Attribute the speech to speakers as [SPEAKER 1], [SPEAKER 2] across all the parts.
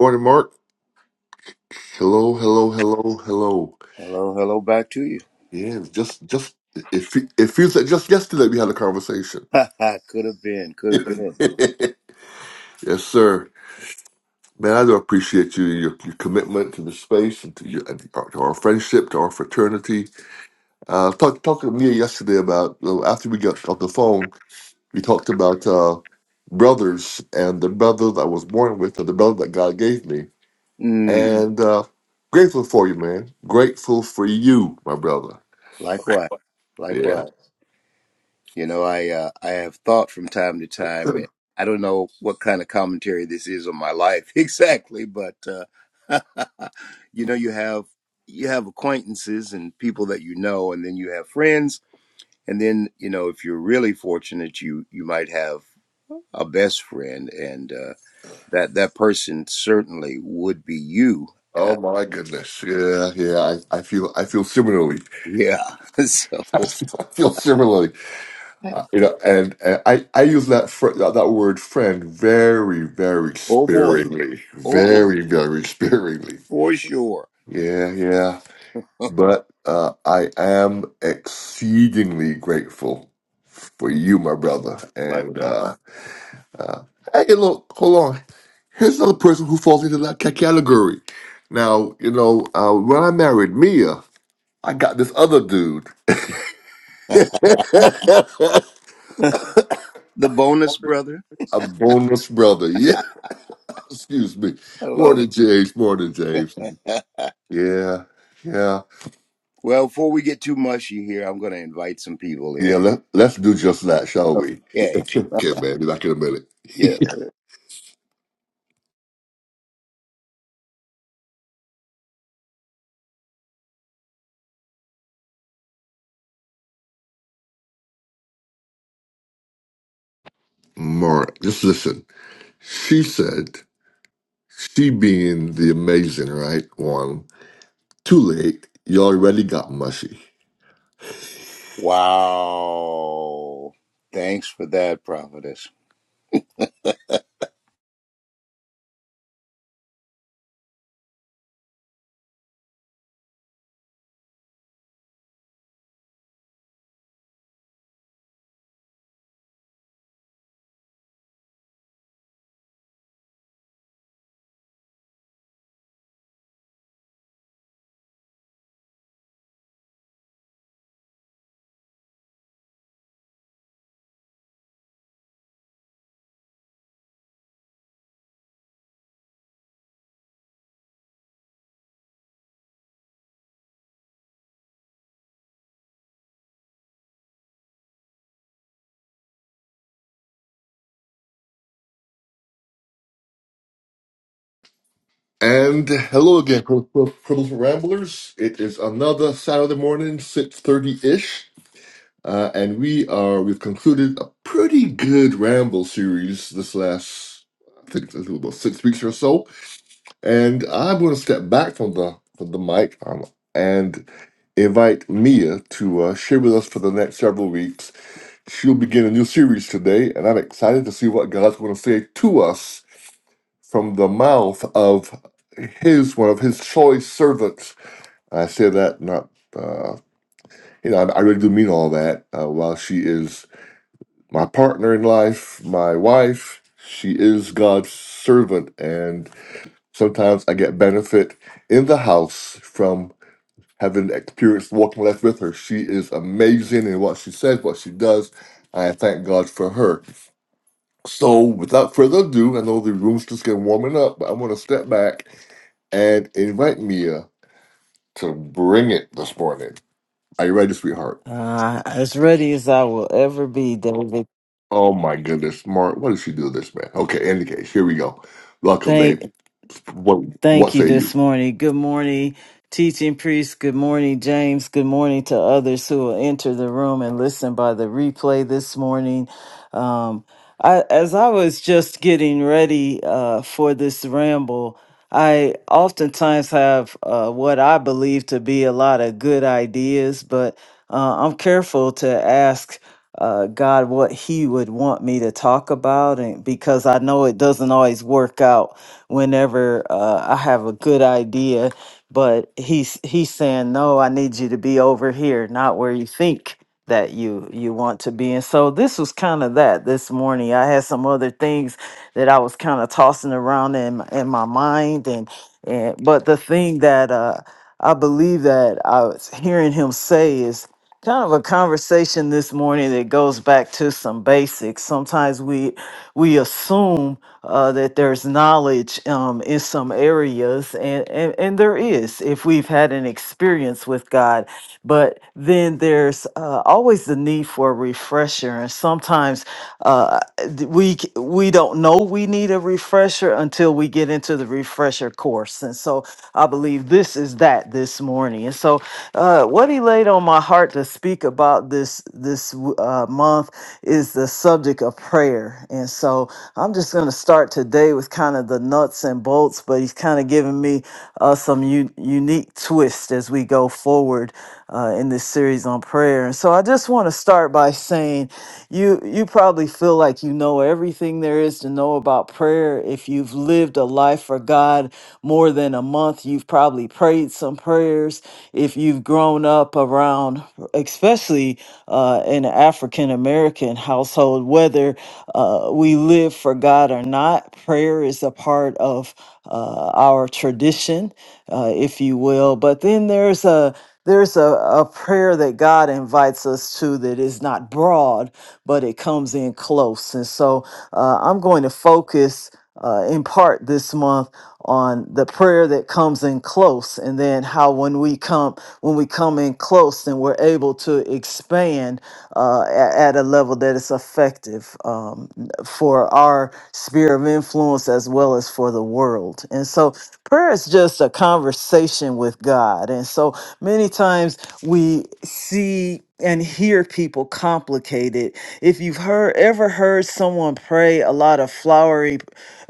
[SPEAKER 1] Morning, Mark. Hello, hello, hello, hello.
[SPEAKER 2] Hello, hello back to you.
[SPEAKER 1] Yeah, it's just, just it, fe- it feels like just yesterday we had a conversation.
[SPEAKER 2] could have been, could have been.
[SPEAKER 1] yes, sir. Man, I do appreciate you your, your commitment to the space and to, your, and to our friendship, to our fraternity. Uh, talk, talked to Mia yesterday about uh, after we got off the phone, we talked about uh, brothers and the brother that I was born with, or the brother that God gave me,
[SPEAKER 2] Mm,
[SPEAKER 1] and uh, grateful for you, man. Grateful for you, my brother.
[SPEAKER 2] likewise,
[SPEAKER 1] Yeah.
[SPEAKER 2] likewise. You know, I uh, I have thought from time to time. and I don't know what kind of commentary this is on my life exactly, but uh, you know, you have you have acquaintances and people that you know, and then you have friends, and then you know, if you're really fortunate, you you might have a best friend, and uh, that that person certainly would be you
[SPEAKER 1] Oh my goodness! Yeah, yeah. I, I feel I feel similarly.
[SPEAKER 2] Yeah. So,
[SPEAKER 1] I feel, I feel similarly. Uh, you know, and, and I I use that fr- that that word friend very very
[SPEAKER 2] oh boy.
[SPEAKER 1] sparingly,
[SPEAKER 2] Oh boy.
[SPEAKER 1] very very sparingly.
[SPEAKER 2] For sure.
[SPEAKER 1] Yeah, yeah. But uh, I am exceedingly grateful for you, my brother.
[SPEAKER 2] Like
[SPEAKER 1] And uh, uh, hey, look, hold on. Here's another person who falls into that ca- category. Now, you know, uh, when I married Mia. I got this other dude. A
[SPEAKER 2] The bonus brother.
[SPEAKER 1] bonus brother. Yeah, excuse me.
[SPEAKER 2] I love
[SPEAKER 1] Morning, James. Morning, James.
[SPEAKER 2] it.
[SPEAKER 1] Yeah, yeah.
[SPEAKER 2] well, before we get too mushy here, I'm going to invite some people
[SPEAKER 1] Yeah,
[SPEAKER 2] in.
[SPEAKER 1] let, let's do just that, shall we?
[SPEAKER 2] Okay.
[SPEAKER 1] okay, man. Be back in a minute.
[SPEAKER 2] Yes.
[SPEAKER 1] Mara, just listen. She said, she being the amazing, right? One, too late. You already got mushy.
[SPEAKER 2] Wow. Thanks for that, prophetess.
[SPEAKER 1] And hello again, Purple Ramblers. It is another Saturday morning, 6.30-ish. Uh, and we are, we've concluded a pretty good ramble series this last, I think it's been about six weeks or so. And I'm going to step back from the from the mic um, and invite Mia to uh, share with us for the next several weeks. She'll begin a new series today, and I'm excited to see what God's going to say to us from the mouth of his, one of his choice servants. I say that not, uh, you know, I, I really do mean all that uh, while she is my partner in life, my wife. She is God's servant, and sometimes I get benefit in the house from having experienced walking life with her. She is amazing in what she says, what she does. I thank God for her. So, without further ado, I know the room's just getting warming up, but I'm going to step back and invite Mia to bring it this morning. Are you ready, sweetheart?
[SPEAKER 3] Uh, as ready as I will ever be, David.
[SPEAKER 1] Oh my goodness, Mark, what did she do to this man? Okay, in any case, here we go. Welcome, babe.
[SPEAKER 3] Thank,
[SPEAKER 1] What
[SPEAKER 3] Thank
[SPEAKER 1] what
[SPEAKER 3] you
[SPEAKER 1] say you?
[SPEAKER 3] this morning. Good morning, teaching priest. Good morning, James. Good morning to others who will enter the room and listen by the replay this morning. Um, I, as I was just getting ready uh, for this ramble, I oftentimes have uh, what I believe to be a lot of good ideas, but uh, I'm careful to ask uh, God what He would want me to talk about, and because I know it doesn't always work out whenever uh, I have a good idea, but he's he's saying, "No, I need you to be over here, not where you think that you you want to be." And so this was kind of that this morning. I had some other things that I was kind of tossing around in my- in my mind, and and but the thing that uh, I believe that I was hearing him say is kind of a conversation this morning that goes back to some basics. Sometimes we we assume uh, that there's knowledge um, in some areas, and, and and there is if we've had an experience with God. But then there's uh, always the need for a refresher, and sometimes uh, d- we c- we don't know we need a refresher until we get into the refresher course. And so I believe this is that this morning. And so uh, what he laid on my heart to speak about this this uh, month is the subject of prayer, and so I'm just going to start today with kind of the nuts and bolts. But he's kind of giving me uh, some u- unique twist as we go forward uh, in this series on prayer. And so I just want to start by saying you you probably feel like you know everything there is to know about prayer. If you've lived a life for God more than a month, you've probably prayed some prayers. If you've grown up around, especially uh, in an African American household, whether uh, we live for God or not, prayer is a part of uh, our tradition, uh, if you will. But then there's a there's a, a prayer that God invites us to that is not broad, but it comes in close. And so uh, I'm going to focus uh, in part this month on the prayer that comes in close and then how when we come when we come in close then we're able to expand uh, a- at a level that is effective um, for our sphere of influence as well as for the world and so prayer is just a conversation with god and so Many times we see and hear people complicated. If you've heard ever heard someone pray a lot of flowery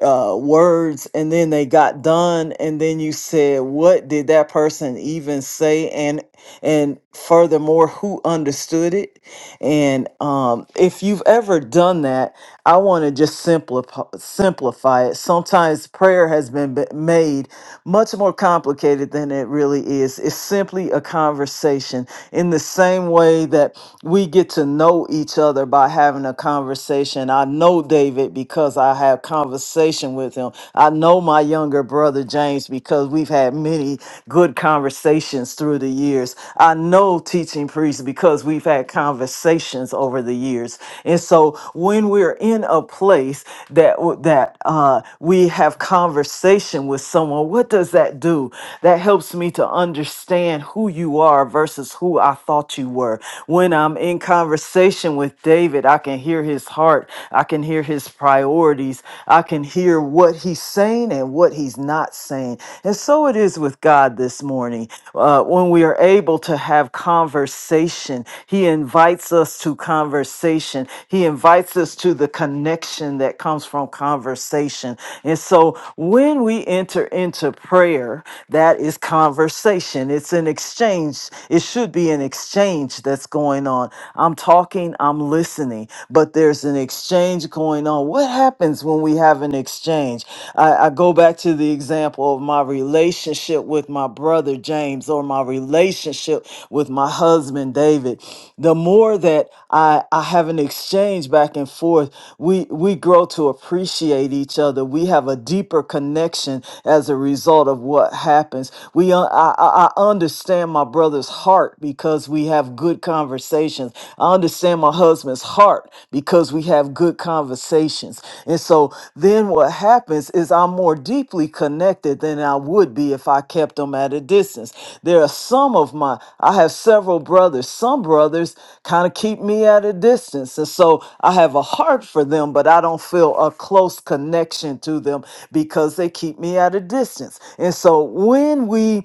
[SPEAKER 3] uh, words and then they got done, and then you said, "What did that person even say?" and and furthermore, who understood it? And um, if you've ever done that, I want to just simplify simplify it. Sometimes prayer has been b- made much more complicated than it really is. It's simply a conversation in the same way that we get to know each other by having a conversation. I know David because I have conversation with him. I know my younger brother James because we've had many good conversations through the years. I know teaching priests because we've had conversations over the years. And so when we're in a place that w- that uh, we have conversation with someone, what does that do? That helps me to understand understand who you are versus who I thought you were. When I'm in conversation with David, I can hear his heart, I can hear his priorities, I can hear what he's saying and what he's not saying. And so it is with God this morning. Uh, when we are able to have conversation, he invites us to conversation, he invites us to the connection that comes from conversation. And so when we enter into prayer, that is conversation conversation. It's an exchange. It should be an exchange that's going on. I'm talking, I'm listening, but there's an exchange going on. What happens when we have an exchange? I, I go back to the example of my relationship with my brother James or my relationship with my husband David. The more that I, I have an exchange back and forth, we, we grow to appreciate each other. We have a deeper connection as a result of what happens. We uh, I, I, I understand my brother's heart because we have good conversations. I understand my husband's heart because we have good conversations. And so then what happens is I'm more deeply connected than I would be if I kept them at a distance. There are some of my, I have several brothers. Some brothers kind of keep me at a distance. And so I have a heart for them, but I don't feel a close connection to them because they keep me at a distance. And so when we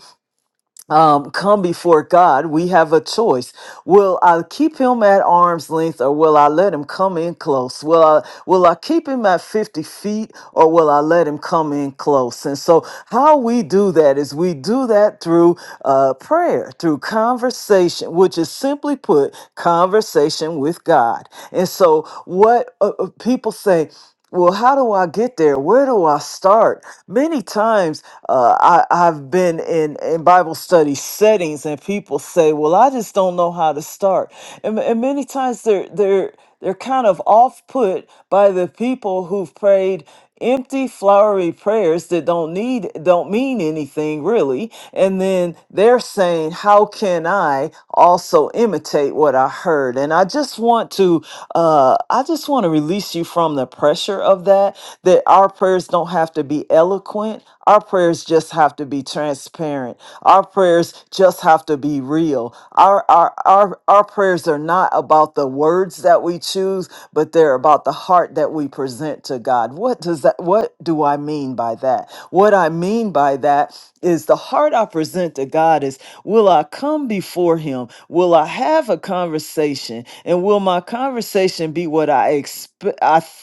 [SPEAKER 3] um, come before God, we have a choice. Will I keep him at arm's length or will I let him come in close? Will I will I keep him at 50 feet or will I let him come in close? And so how we do that is we do that through uh, prayer, through conversation, which is simply put, conversation with God. And so what uh, uh, people say, well, how do I get there? Where do I start? Many times uh, I, I've been in, in Bible study settings and people say, Well, I just don't know how to start. And, and many times they're, they're, they're kind of off put by the people who've prayed empty flowery prayers that don't need don't mean anything really and then they're saying how can i also imitate what i heard and i just want to uh i just want to release you from the pressure of that that our prayers don't have to be eloquent our prayers just have to be transparent. Our prayers just have to be real. Our our our, our prayers are not about the words that we choose, but they're about the heart that we present to God. What does that what do I mean by that? What I mean by that is the heart I present to God is will I come before him? Will I have a conversation? And will my conversation be what I expect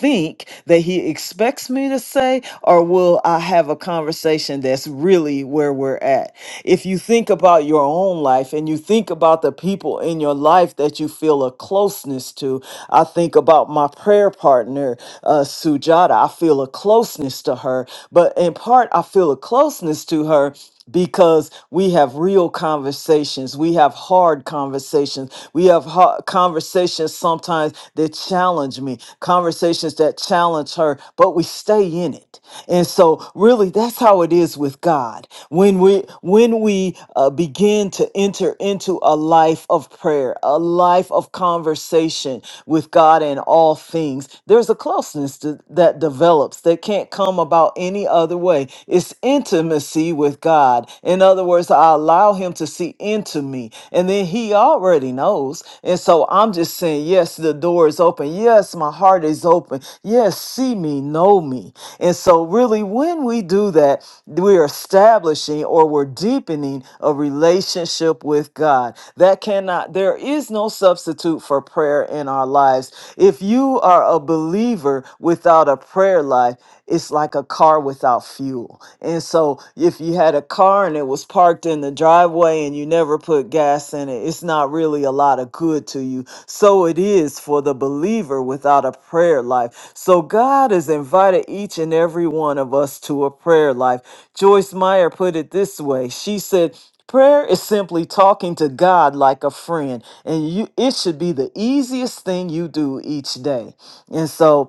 [SPEAKER 3] think that he expects me to say, or will I have a conversation that's really where we're at? If you think about your own life and you think about the people in your life that you feel a closeness to, I think about my prayer partner, uh, Sujata. I feel a closeness to her, but in part, I feel a closeness to her because we have real conversations we have hard conversations we have ho- conversations sometimes that challenge me conversations that challenge her but we stay in it and so really that's how it is with god when we when we uh, begin to enter into a life of prayer a life of conversation with god in all things there's a closeness to, that develops that can't come about any other way other way. It's intimacy with God. In other words, I allow Him to see into me. And then He already knows. And so I'm just saying, yes, the door is open. Yes, my heart is open. Yes, see me, know me. And so, really, when we do that, we're establishing or we're deepening a relationship with God. That cannot, there is no substitute for prayer in our lives. If you are a believer without a prayer, prayer life, it's like a car without fuel. And so if you had a car and it was parked in the driveway and you never put gas in it, it's not really a lot of good to you. So it is for the believer without a prayer life. So God has invited each and every one of us to a prayer life. Joyce Meyer put it this way. She said, Prayer is simply talking to God like a friend, and you it should be the easiest thing you do each day. And so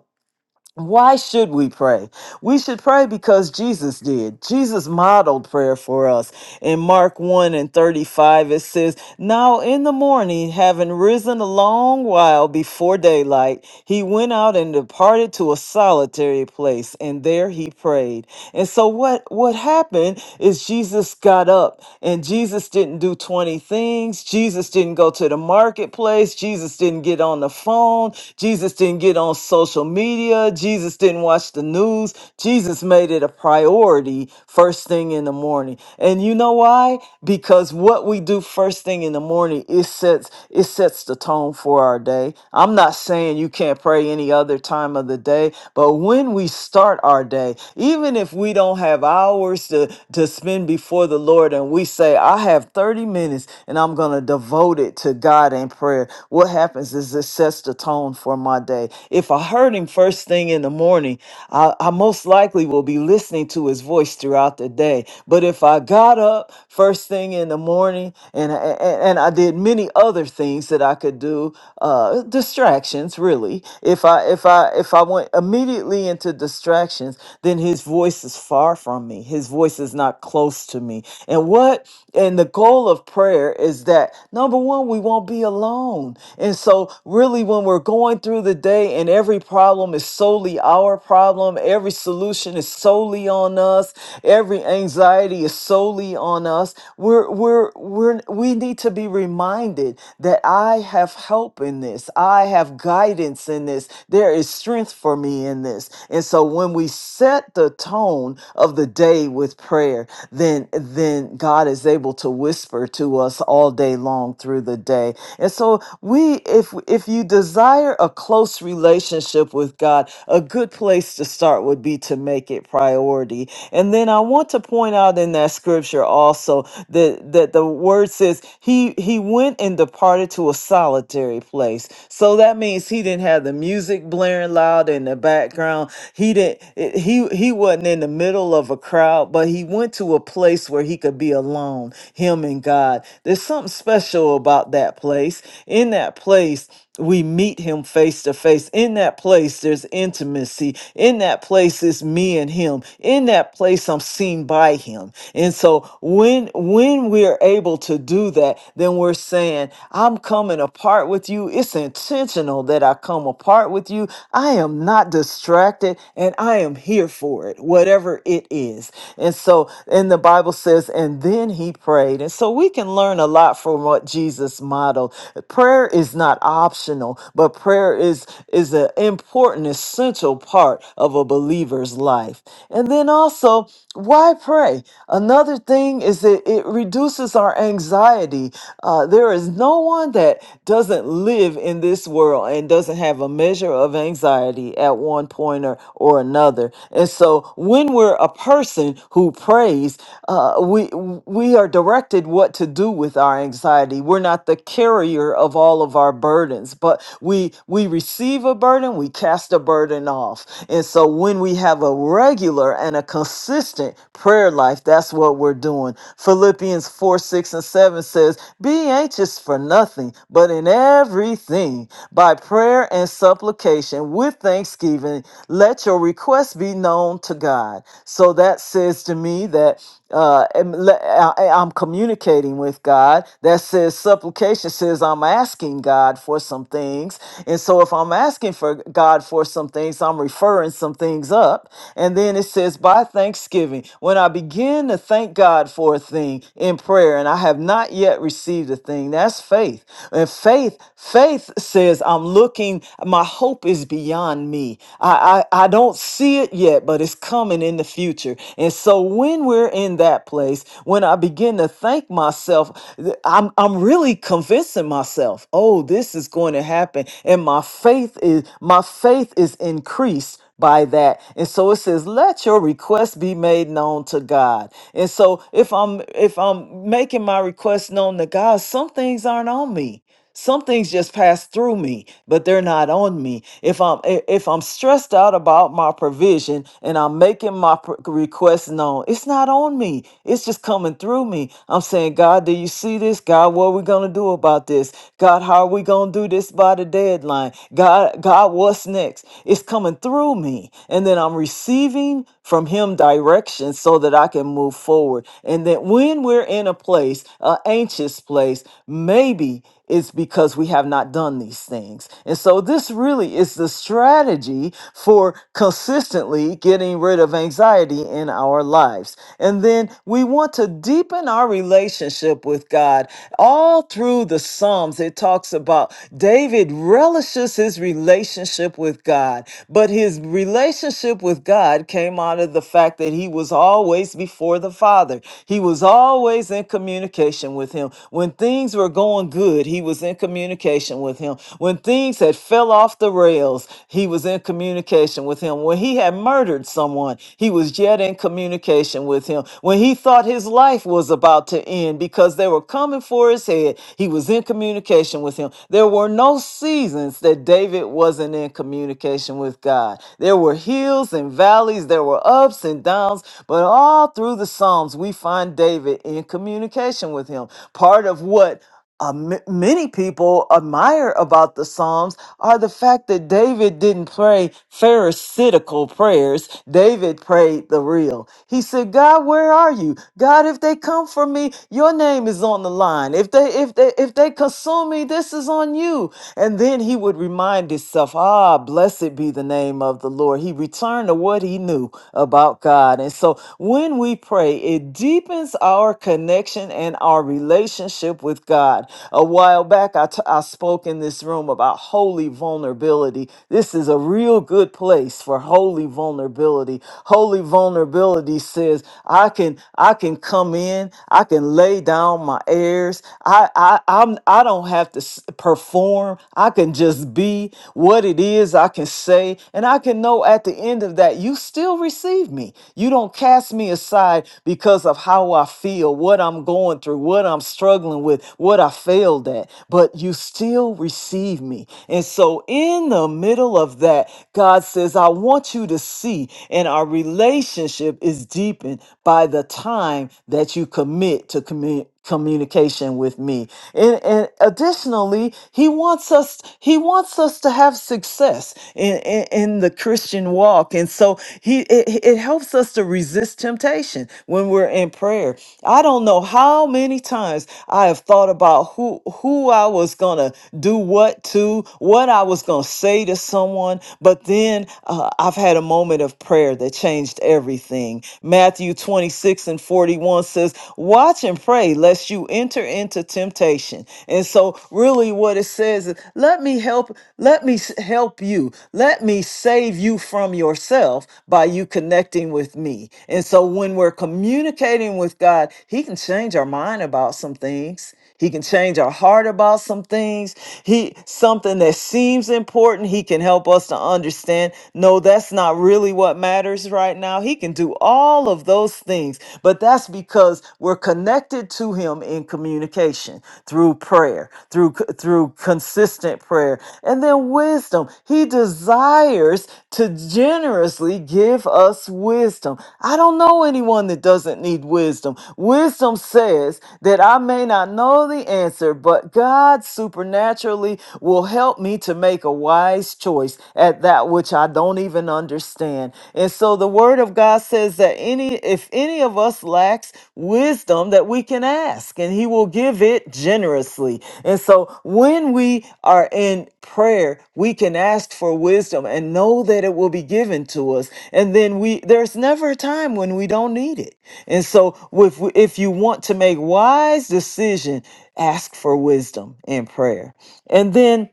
[SPEAKER 3] why should we pray? We should pray because Jesus did. Jesus modeled prayer for us. In Mark 1 and 35, it says, Now in the morning, having risen a long while before daylight, he went out and departed to a solitary place, and there he prayed. And so what what happened is Jesus got up and Jesus didn't do 20 things. Jesus didn't go to the marketplace. Jesus didn't get on the phone. Jesus didn't get on social media. Jesus didn't watch the news. Jesus made it a priority first thing in the morning. And you know why? Because what we do first thing in the morning it sets it sets the tone for our day. I'm not saying you can't pray any other time of the day, but when we start our day, even if we don't have hours to, to spend before the Lord and we say, I have 30 minutes and I'm going to devote it to God in prayer, what happens is it sets the tone for my day. If I heard Him first thing in the morning, I, I most likely will be listening to His voice throughout the day. But if I got up first thing in the morning and, and, and I did many other things that I could do, uh, distractions really, if I, if I, if I went immediately into distractions, distractions, then his voice is far from me. His voice is not close to me. And what and the goal of prayer is that number one, we won't be alone. And so really when we're going through the day and every problem is solely our problem, every solution is solely on us, every anxiety is solely on us, we're we're we're we need to be reminded that I have help in this. I have guidance in this. There is strength for me in this. And so when we set the tone of the day with prayer, then then God is able to whisper to us all day long through the day. And so we if if you desire a close relationship with God, a good place to start would be to make it priority. And then I want to point out in that scripture also that that the word says he he went and departed to a solitary place. So that means he didn't have the music blaring loud and the background. He didn't it- he he wasn't in the middle of a crowd, but he went to a place where he could be alone, him and God. There's something special about that place. In that place, we meet him face to face. In that place, there's intimacy. In that place it's me and him. In that place, I'm seen by him. And so when when we're able to do that, then we're saying, I'm coming apart with you. It's intentional that I come apart with you. I am not distracted and I am here for it, whatever it is. And so, and the Bible says, and then he prayed. And so we can learn a lot from what Jesus modeled. Prayer is not optional, but prayer is is an important, essential part of a believer's life. And then also, why pray? Another thing is that it reduces our anxiety. Uh, there is no one that doesn't live in this world and doesn't have a measure measure of anxiety at one point or, or another. And so when we're a person who prays, uh, we we are directed what to do with our anxiety. We're not the carrier of all of our burdens, but we we receive a burden, we cast a burden off. And so when we have a regular and a consistent prayer life, that's what we're doing. Philippians 4, 6, and 7 says, Be anxious for nothing, but in everything, by prayer prayer and supplication with thanksgiving. Let your requests be known to God. So that says to me that uh, am- le- I- I'm communicating with God. That says supplication says I'm asking God for some things. And so if I'm asking for God for some things, I'm referring some things up. And then it says by thanksgiving, when I begin to thank God for a thing in prayer and I have not yet received a thing, that's faith. And faith, faith says says, I'm looking, my hope is beyond me. I, I, I don't see it yet, but it's coming in the future. And so when we're in that place, when I begin to thank myself, th- I'm, I'm really convincing myself, oh, this is going to happen. And my faith is, my faith is increased by that. And so it says, let your request be made known to God. And so if I'm if I'm making my request known to God, some things aren't on me some things just pass through me but they're not on me if i'm i- if i'm stressed out about my provision and i'm making my pr- request known it's not on me it's just coming through me i'm saying god do you see this god what are we gonna do about this god how are we gonna do this by the deadline god god what's next it's coming through me and then i'm receiving from him direction so that i can move forward and that when we're in a place an anxious place maybe is because we have not done these things. And so this really is the strategy for consistently getting rid of anxiety in our lives. And then we want to deepen our relationship with God. All through the Psalms, it talks about David relishes his relationship with God, but his relationship with God came out of the fact that he was always before the Father. He was always in communication with him. When things were going going good, he was in communication with him. When things had fell off the rails, he was in communication with him. When he had murdered someone, he was yet in communication with him. When he thought his life was about to end because they were coming for his head, he was in communication with him. There were no seasons that David wasn't in communication with God. There were hills and valleys, there were ups and downs, but all through the Psalms, we find David in communication with him. Part of what uh, m- many people admire about the Psalms are the fact that David didn't pray pharisaical prayers. David prayed the real. He said, "God, where are you? God, if they come for me, your name is on the line. If they if they if they consume me, this is on you." And then he would remind himself, "Ah, blessed be the name of the Lord." He returned to what he knew about God. And so when we pray, it deepens our connection and our relationship relationship with God. A while back, I, t- I spoke in this room about holy vulnerability. This is a real good place for holy vulnerability. Holy vulnerability says, I can I can come in, I can lay down my airs. I I I'm, I don't have to s- perform. I can just be what it is I can say, and I can know at the end of that you still receive me. You don't cast me aside because of how I feel, what I'm going through, what what I'm struggling with, what I failed at, but you still receive me. And so, in the middle of that, God says, I want you to see, and our relationship is deepened by the time that you commit to commu- communication with me and, and additionally he wants us he wants us to have success in, in in the christian walk and so he it, it helps us to resist temptation when we're in prayer i don't know how how many times I have thought about who who I was gonna do what to, what I was gonna say to someone, but then uh, I've had a moment of prayer that changed everything. Matthew 26 and 41 says, "Watch and pray, lest you enter into temptation." And so, really, what it says is, "Let me help. Let me s- help you. Let me save you from yourself by you connecting with me." And so, when we're communicating with God, he can change our mind about some things. He can change our heart about some things. He something that seems important, he can help us to understand. No, that's not really what matters right now. He can do all of those things, but that's because we're connected to him in communication through prayer, through c- through consistent prayer. And then wisdom. He desires to generously give us wisdom. I don't know anyone that doesn't need wisdom wisdom. Wisdom says that I may not know the answer, but God supernaturally will help me to make a wise choice at that which I don't even understand. And so the word of God says that any if any of us lacks wisdom that we can ask and he will give it generously. And so when we are in prayer, we can ask for wisdom and know that it will be given to us. And then we there's never a time when we don't need it and so if if you want to make wise decision, ask for wisdom in prayer. And then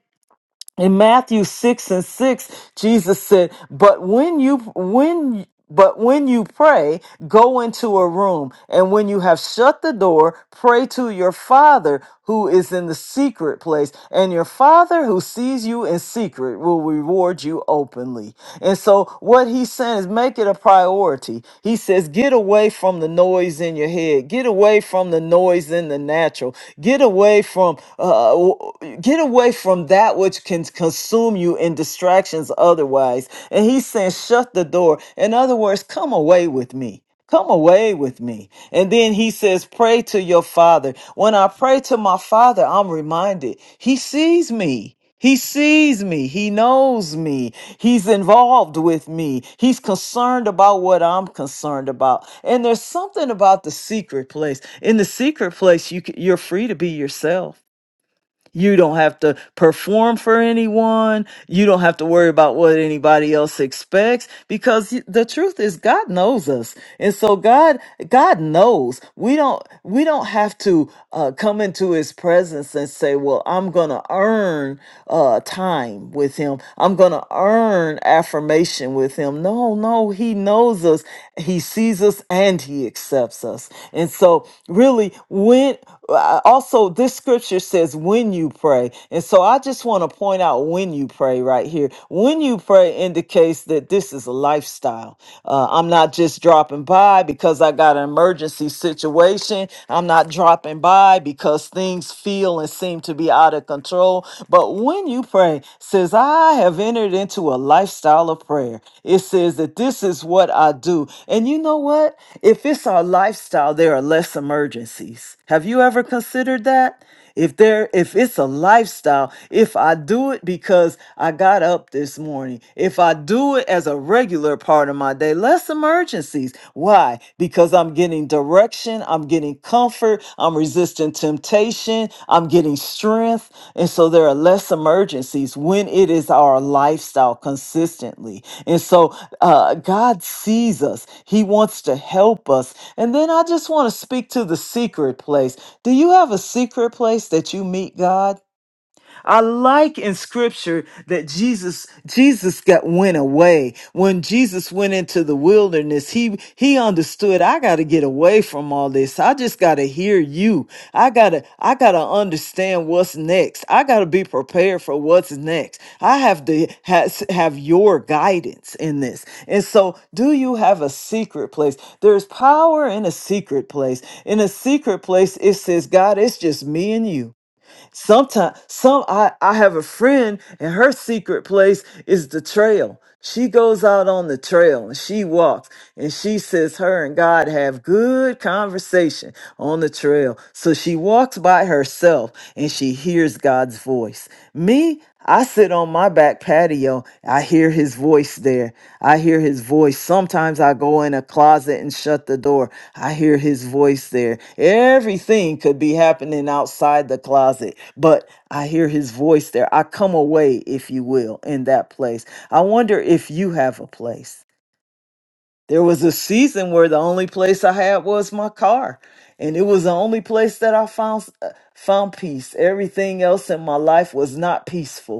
[SPEAKER 3] in Matthew 6 and 6, Jesus said, "But when you when but when you pray, go into a room, and when you have shut the door, pray to your Father who is in the secret place, and your Father who sees you in secret will reward you openly." And so what he's saying is make it a priority. He says, "Get away from the noise in your head. Get away from the noise in the natural. Get away from uh, w- get Get away from that which can consume you in distractions otherwise. And he's saying, shut the door. In other words, come away with me. Come away with me. And then he says, Pray to your father. When I pray to my father, I'm reminded he sees me. He sees me. He knows me. He's involved with me. He's concerned about what I'm concerned about. And there's something about the secret place. In the secret place, you, c- you're free to be yourself. You don't have to perform for anyone. You don't have to worry about what anybody else expects because the truth is God knows us. And so God God knows. We don't we don't have to uh, come into his presence and say, "Well, I'm going to earn uh, time with him. I'm going to earn affirmation with him." No, no, he knows us us, He sees us, and He accepts us. And so, really, when uh, also this scripture says, when you pray. And so, I just want to point out when you pray right here. When you pray indicates that this is a lifestyle. Uh, I'm not just dropping by because I got an emergency situation. I'm not dropping by because things feel and seem to be out out of control. But when you pray, it says, I have entered into a lifestyle of prayer. It says that this is what I do. And you know what? If it's our lifestyle, there are less emergencies. Have you ever considered that? If there if it's a lifestyle, if I do it because I got up this morning, if I do it as a regular part of my day, less emergencies emergencies. Why? Because I'm getting direction, I'm getting comfort, I'm resisting temptation, I'm getting strength. And so there are less emergencies when it is our lifestyle consistently. And so uh, God sees us, He wants to help us. And then I just want to speak to the secret place. Do you have a secret place that you meet God? I like in scripture that Jesus Jesus got went away. When Jesus went into the wilderness, he he understood I got to get away from all this. I just got to hear you. I got to I got to understand what's next. I got to be prepared for what's next. I have to has, have your guidance in this. And so, do you have a secret place? There's power in a secret place. In a secret place it says, God, it's just me and you. Sometimes, some I I have a friend, and her secret place is the trail. She goes out on the trail and she walks, and she says her and God have good conversation on the trail. So she walks by herself and she hears God's voice. Me, I sit on my back patio. I hear his voice there. I hear his voice. Sometimes I go in a closet and shut the door. I hear his voice there. Everything could be happening outside the closet, but I hear his voice there. I come away, if you will, in that place. I wonder if you have a place. There was a season where the only place I had was my car, and it was the only place that I found uh, found peace. Everything else in my life was not peaceful.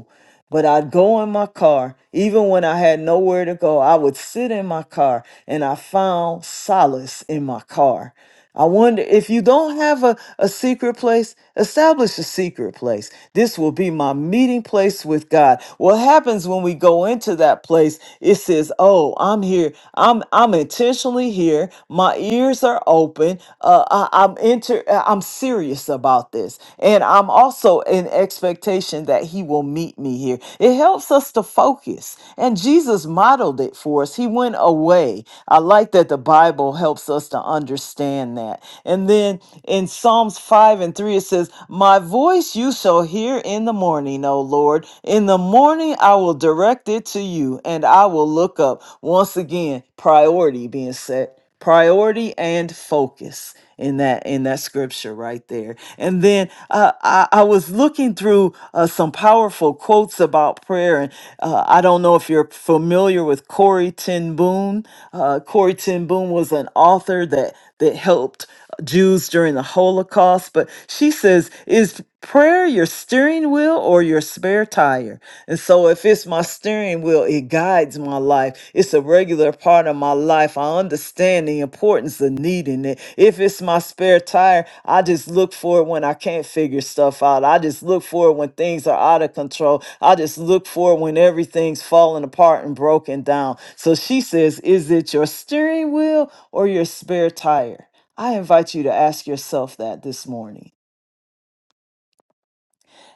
[SPEAKER 3] But I'd go in my car, even when I had nowhere to go, I would sit in my car and I found solace in my car. I wonder if you don't have a, a secret place, establish a secret place. This will be my meeting place with God. What happens when we go into that place? It says, Oh, I'm here. I'm I'm intentionally here. My ears are open. Uh, I, I'm enter ser- uh, I'm serious about this. And I'm also in expectation that he will meet me here. It helps us to focus. And Jesus modeled it for us. He went away. I like that the Bible helps us to understand that. And then in Psalms 5 and 3, it says, My voice you shall hear in the morning, O Lord. In the morning I will direct it to you and I will look up. Once again, priority being set priority and focus in that in that scripture right there and then uh, I, I was looking through uh, some powerful quotes about prayer and uh, i don't know if you're familiar with corey ten boom uh, corey ten boom was an author that that helped Jews during the Holocaust, but she says, Is prayer your steering wheel or your spare tire? And so, if it's my steering wheel, it guides my life. It's a regular part of my life. I understand the importance of needing it. If it's my spare tire, I just look for it when I can't figure stuff out. I just look for it when things are out of control. I just look for it when everything's falling apart and broken down. So, she says, Is it your steering wheel or your spare tire? I invite you to ask yourself that this morning.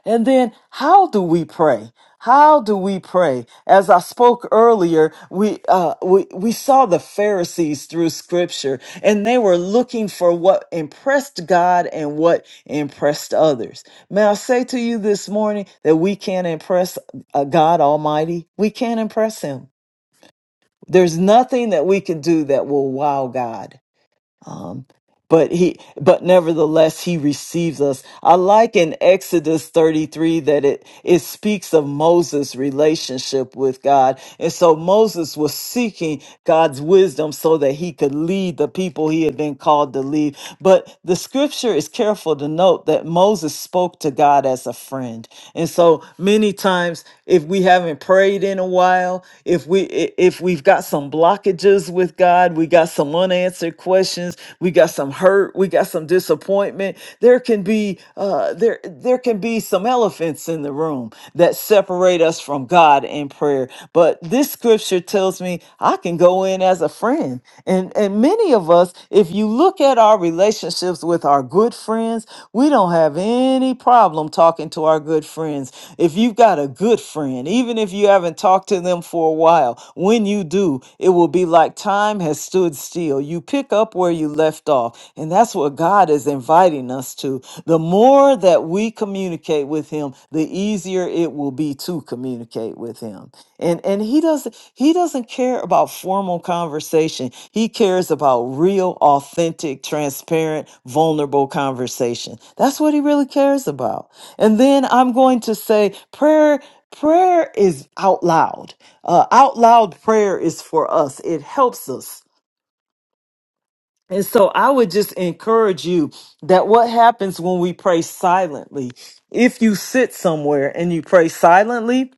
[SPEAKER 3] And then, how do we pray? How do we pray? As I spoke earlier, we, uh, we, we saw the Pharisees through scripture and they were looking for what impressed God and what impressed others. May I say to you this morning that we can't impress uh, God Almighty? We can't impress Him. There's nothing that we can do that will wow God. Um, but he, but nevertheless, he receives us. I like in Exodus 33 that it, it speaks of Moses' relationship with God. And so Moses was seeking God's wisdom so that he could lead the people he had been called to lead. But the scripture is careful to note that Moses spoke to God as a friend. And so many times, if we haven't prayed in a while, if we, i- if we've got some blockages with God, we got some unanswered questions, depressions we got some hurt we got some disappointment there can be uh there there can be some elephants in the room that separate us from god in prayer but this scripture tells me i can go in as a friend and and many of us if you look at our relationships with our good friends we don't have any problem talking to our good friends if you've got a good friend even if you haven't talked to them for a while when you do it will be like time has stood still Ezekiel, you pick up where you left off. And that's what God is inviting us to. The more that we communicate with him, the easier it will be to communicate with him. And and he doesn't he doesn't care about formal conversation. He cares about real, authentic, transparent, vulnerable conversation. That's what he really cares about. And then I'm going to say prayer prayer is out loud. Uh, out loud prayer is for us. It helps us and so I would just encourage you that what happens when we pray silently, if you sit somewhere and you pray silently,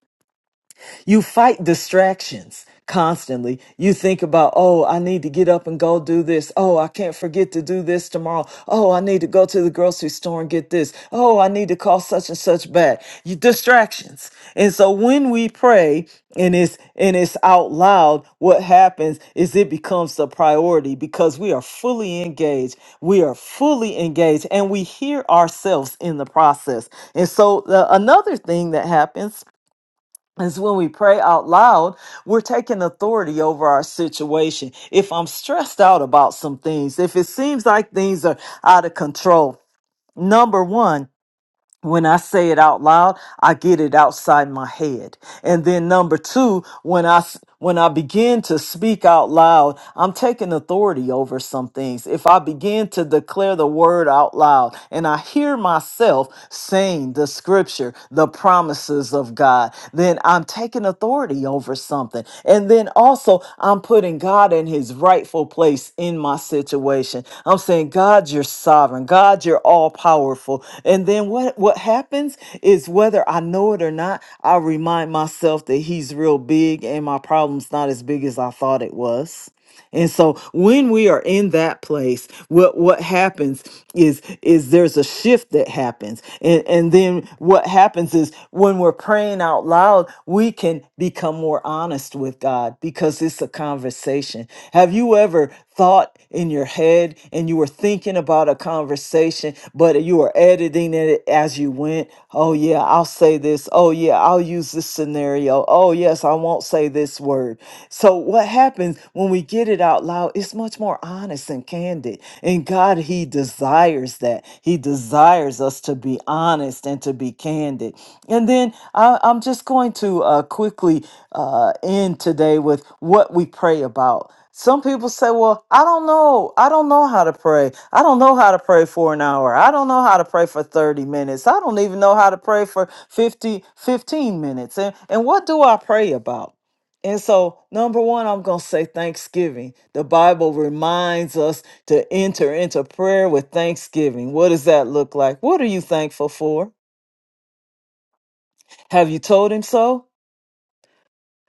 [SPEAKER 3] you fight distractions constantly. You think about, oh, I need to get up and go do this. Oh, I can't forget to do this tomorrow. Oh, I need to go to the grocery store and get this. Oh, I need to call such and such back. You distractions. And so when we pray and it's and it's out loud, what happens is it becomes the priority because we are fully engaged. We are fully engaged and we hear ourselves in the process. And so the, another thing that happens is when we pray out loud, we're taking authority over our situation. If I'm stressed out about some things, if it seems like things are out of control, number one, when I say it out loud, I get it outside my head. And then number two, when I s- when I begin to speak out loud, I'm taking authority over some things. If I begin to declare the word out loud and I hear myself saying the scripture, the promises of God, then I'm taking taking authority over something. And then also, I'm putting God in his rightful place in my situation. I'm saying, God, you're sovereign. God, you're all powerful. And then what, what happens is whether I know it or not, I remind myself that he's real big and my problem's not as big as I thought it was. And so when we are in that place, what what happens is is there's a shift that happens. And and then what happens is when we're praying out loud, we can become more honest with God because it's a conversation. Have you ever thought in your head and you were thinking about a conversation, but you were editing it as you went. Oh, yeah, I'll say this. Oh, yeah, I'll use this scenario. Oh, yes, I won't say this word. So, what happens when we get it out loud? It's much more honest and candid. And God, He desires that. He desires us to be honest and to be candid. And then I, I'm just going to uh, quickly uh, end today with what we pray about. Some people say, Well, I don't know. I don't know how to pray. I don't know how to pray for an hour. I don't know how to pray for 30 minutes. I don't even know how to pray for 50, 15 minutes. And, and what do I pray about? And so, number one, I'm going to say thanksgiving. The Bible reminds us to enter into prayer with thanksgiving. What does that look like? What are you thankful for? Have you told him so?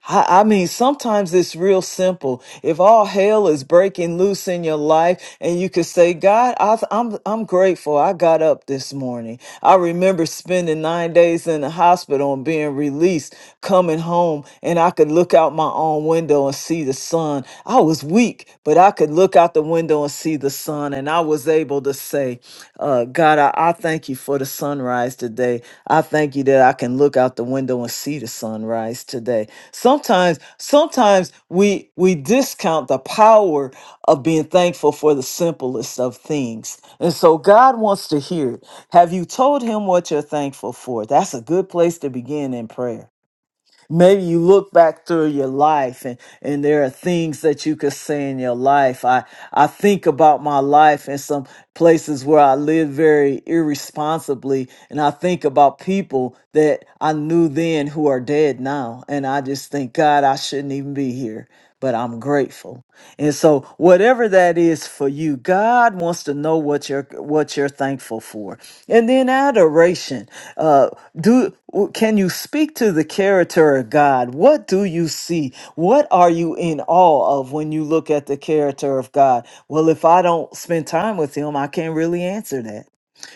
[SPEAKER 3] I I mean, sometimes it's real simple. If all hell is breaking loose in your life, and you could say, "God, I, th- I'm I'm grateful. I got up this morning. I remember spending nine days in the hospital and being released, coming home, and I could look out my own window and see the sun. I was weak, but I could look out the window and see the sun, and I was able to say, uh, "God, I, I thank you." for the sunrise today. I thank you that I can look out the window and see the sunrise today. Sometimes, sometimes we we discount the power of being thankful for the simplest of things. And so God wants to hear it. Have you told him what you're thankful for? That's a good place to begin in prayer. Maybe you look back through your life and, and there are things that you could say in your life. I, I think about my life and some places where I lived very irresponsibly. And I think about people that I knew then who are dead now. And I just think, God, I shouldn't even be here, but I'm grateful. And so whatever that is for you, God wants to know what you're what you're thankful for. And then adoration. Uh do can you speak to the character of God? What do you see? What are you in awe of when you look at the character of God? Well, if I don't spend time with him, I can't really answer that.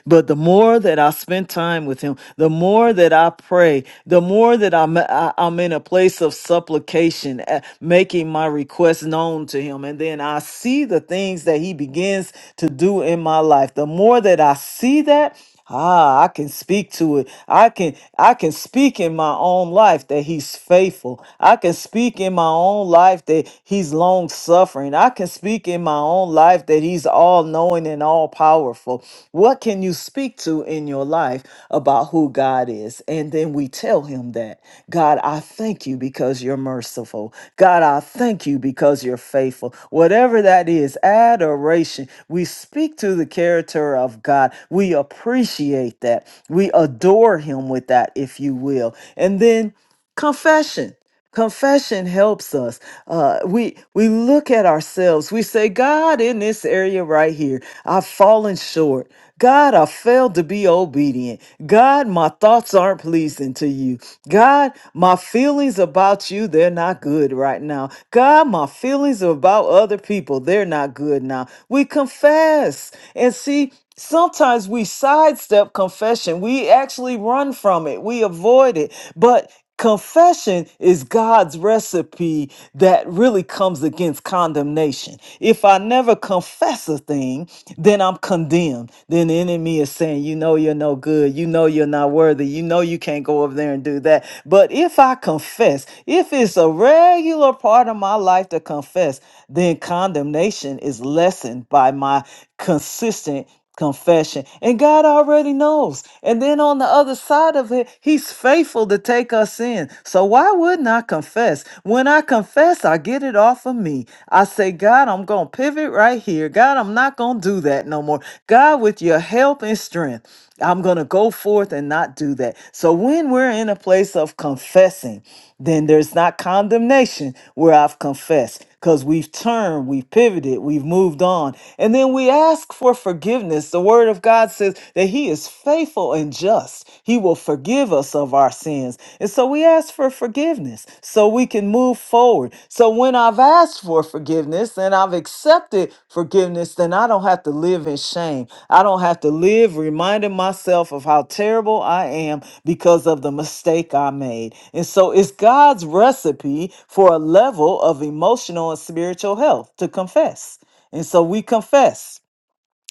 [SPEAKER 3] But the more that I spend time with him, the more that I pray, the more that I'm, I, I'm in a place of supplication, uh, making my requests known to him. And then I see the things that he begins to do in my life. The more that I see that, Ah, I can speak to it. I can I can speak in my own life that he's faithful. I can speak in my own life that he's long suffering. I can speak in my own life that he's all knowing and all powerful. What can you speak to in your life about who God is? And then we tell him that. God, I thank you because you're merciful. God, I thank you because you're faithful. Whatever that is, adoration. We speak to the character of God. We we appreciate that. We adore Him with that, if you will. And then confession. Confession helps us. Uh, we we look at ourselves. We say, God, in this area right here, I've fallen short. God, I failed to be obedient. God, my thoughts aren't pleasing to you. God, my feelings about you, they're not good right now. God, my feelings about other people, they're not good now. We confess. And see, Sometimes we sidestep confession. We actually run from it. We avoid it. But confession is God's recipe that really comes against condemnation. If I never confess a thing, then I'm condemned. Then the enemy is saying, You know, you're no good. You know, you're not worthy. You know, you can't go over there and do that. But if I confess, if it's a regular part of my life to confess, then condemnation is lessened by my consistent confession. And God already knows. And then on the other side of it, He's faithful to take us in. So why wouldn't I confess? When I confess, I get it off of me. I say, God, I'm going to pivot right here. God, I'm not going to do that no more. God, with your help and strength, I'm going to go forth and not do that. So when we're in a place of confessing, then there's not condemnation where I've confessed because we've turned, we've pivoted, we've moved on. And then we ask for forgiveness. The Word of God says that He is faithful and just, He will forgive us of our sins. And so we ask for forgiveness so we can move forward. So when I've asked for forgiveness and I've accepted, accepted forgiveness, then I don't have to live in shame. I don't have to live reminding myself of how terrible I am because of the mistake I made. And so it's God's recipe for a level of emotional and spiritual health to confess. And so we confess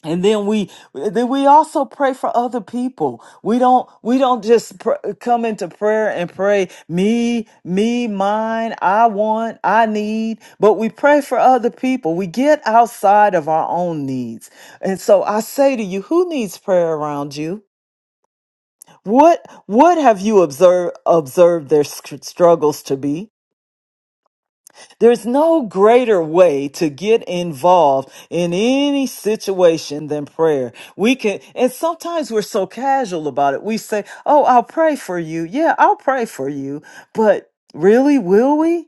[SPEAKER 3] and then we then we also pray for other people we don't we don't just pr- come into prayer and pray me me mine i want i need but we pray for other people we get outside of our own needs and so i say to you who needs prayer around you what what have you observed observed their sc- struggles to be there's no greater way to get involved in any situation than prayer. We can, and sometimes we're so casual about it. We say, Oh, I'll pray for you. Yeah, I'll pray for you. But really, will we?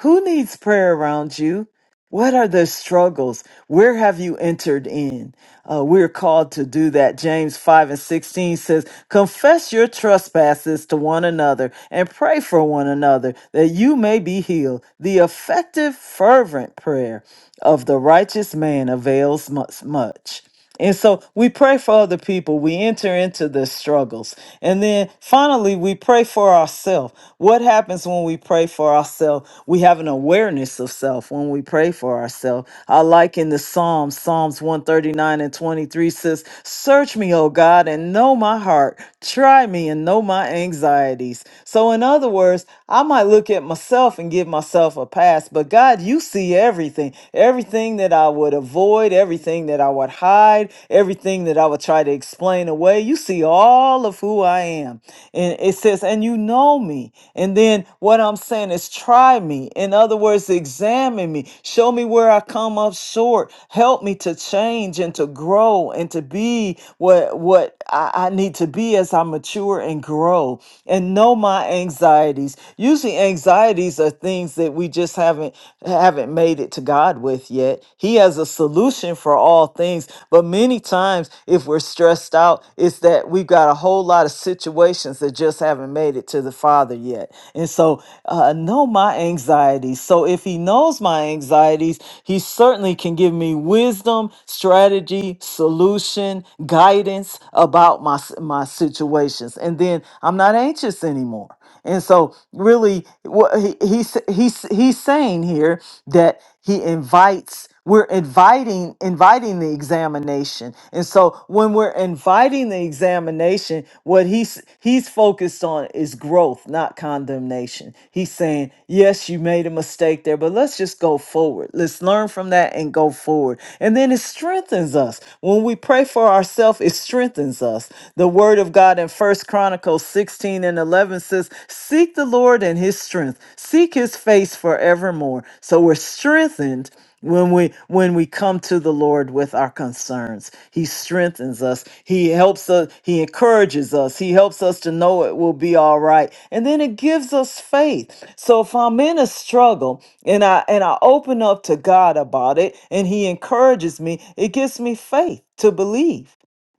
[SPEAKER 3] Who needs prayer around you? What are the struggles? Where have you entered in? Uh, we're called to do that. James 5 and 16 says, Confess your trespasses to one another and pray for one another that you may be healed. The effective, fervent prayer of the righteous man avails mu- much. And so we pray for other people. We enter into the struggles. And then finally, we pray for ourselves. What happens when we pray for ourselves? We have an awareness of self when we pray for ourselves. I like in the Psalms, Psalms 139 and 23 says, Search me, O God, and know my heart. Try me and know my anxieties. So, in other words, I might look at myself and give myself a pass, but God, you see everything. Everything everything that I would avoid, everything that I would hide, everything that I would try to explain away. You see all of who I am. And it says, and you know me. And then what I'm saying is, try me. In other words, examine me. Show me where I come up short. Help me to change and to grow and to be what, what I, I need to be as I mature and grow and know my anxieties. Usually, anxieties are things that we just haven't haven't made it to God with yet. He has a solution for all things. But many times if we're stressed out, it's that we've got a whole lot of situations that just haven't made it to the Father yet. And so uh, know my anxieties. So if he knows my anxieties, he certainly can give me wisdom, strategy, solution, guidance about my s- my situations. And then I'm not anxious anymore. And so, really, what he, he's he's he's saying here that he invites. We're inviting inviting the examination, and so when we're inviting the examination, what he's he's focused on is growth, not condemnation. He's saying, "Yes, you made a mistake there, but let's just go forward. Let's learn from that and go forward." And then it strengthens us when we pray for ourselves. It strengthens us. The Word of God in First Chronicles 16 and 11 says, Seek the Lord and his strength, seek his face forevermore. So we're strengthened when we when we come to the lord with our concerns he strengthens us he helps us he encourages us he helps us to know it will be all right and then it gives us faith so if i'm in a struggle and i and i open up to god about it and he encourages me it gives me faith to believe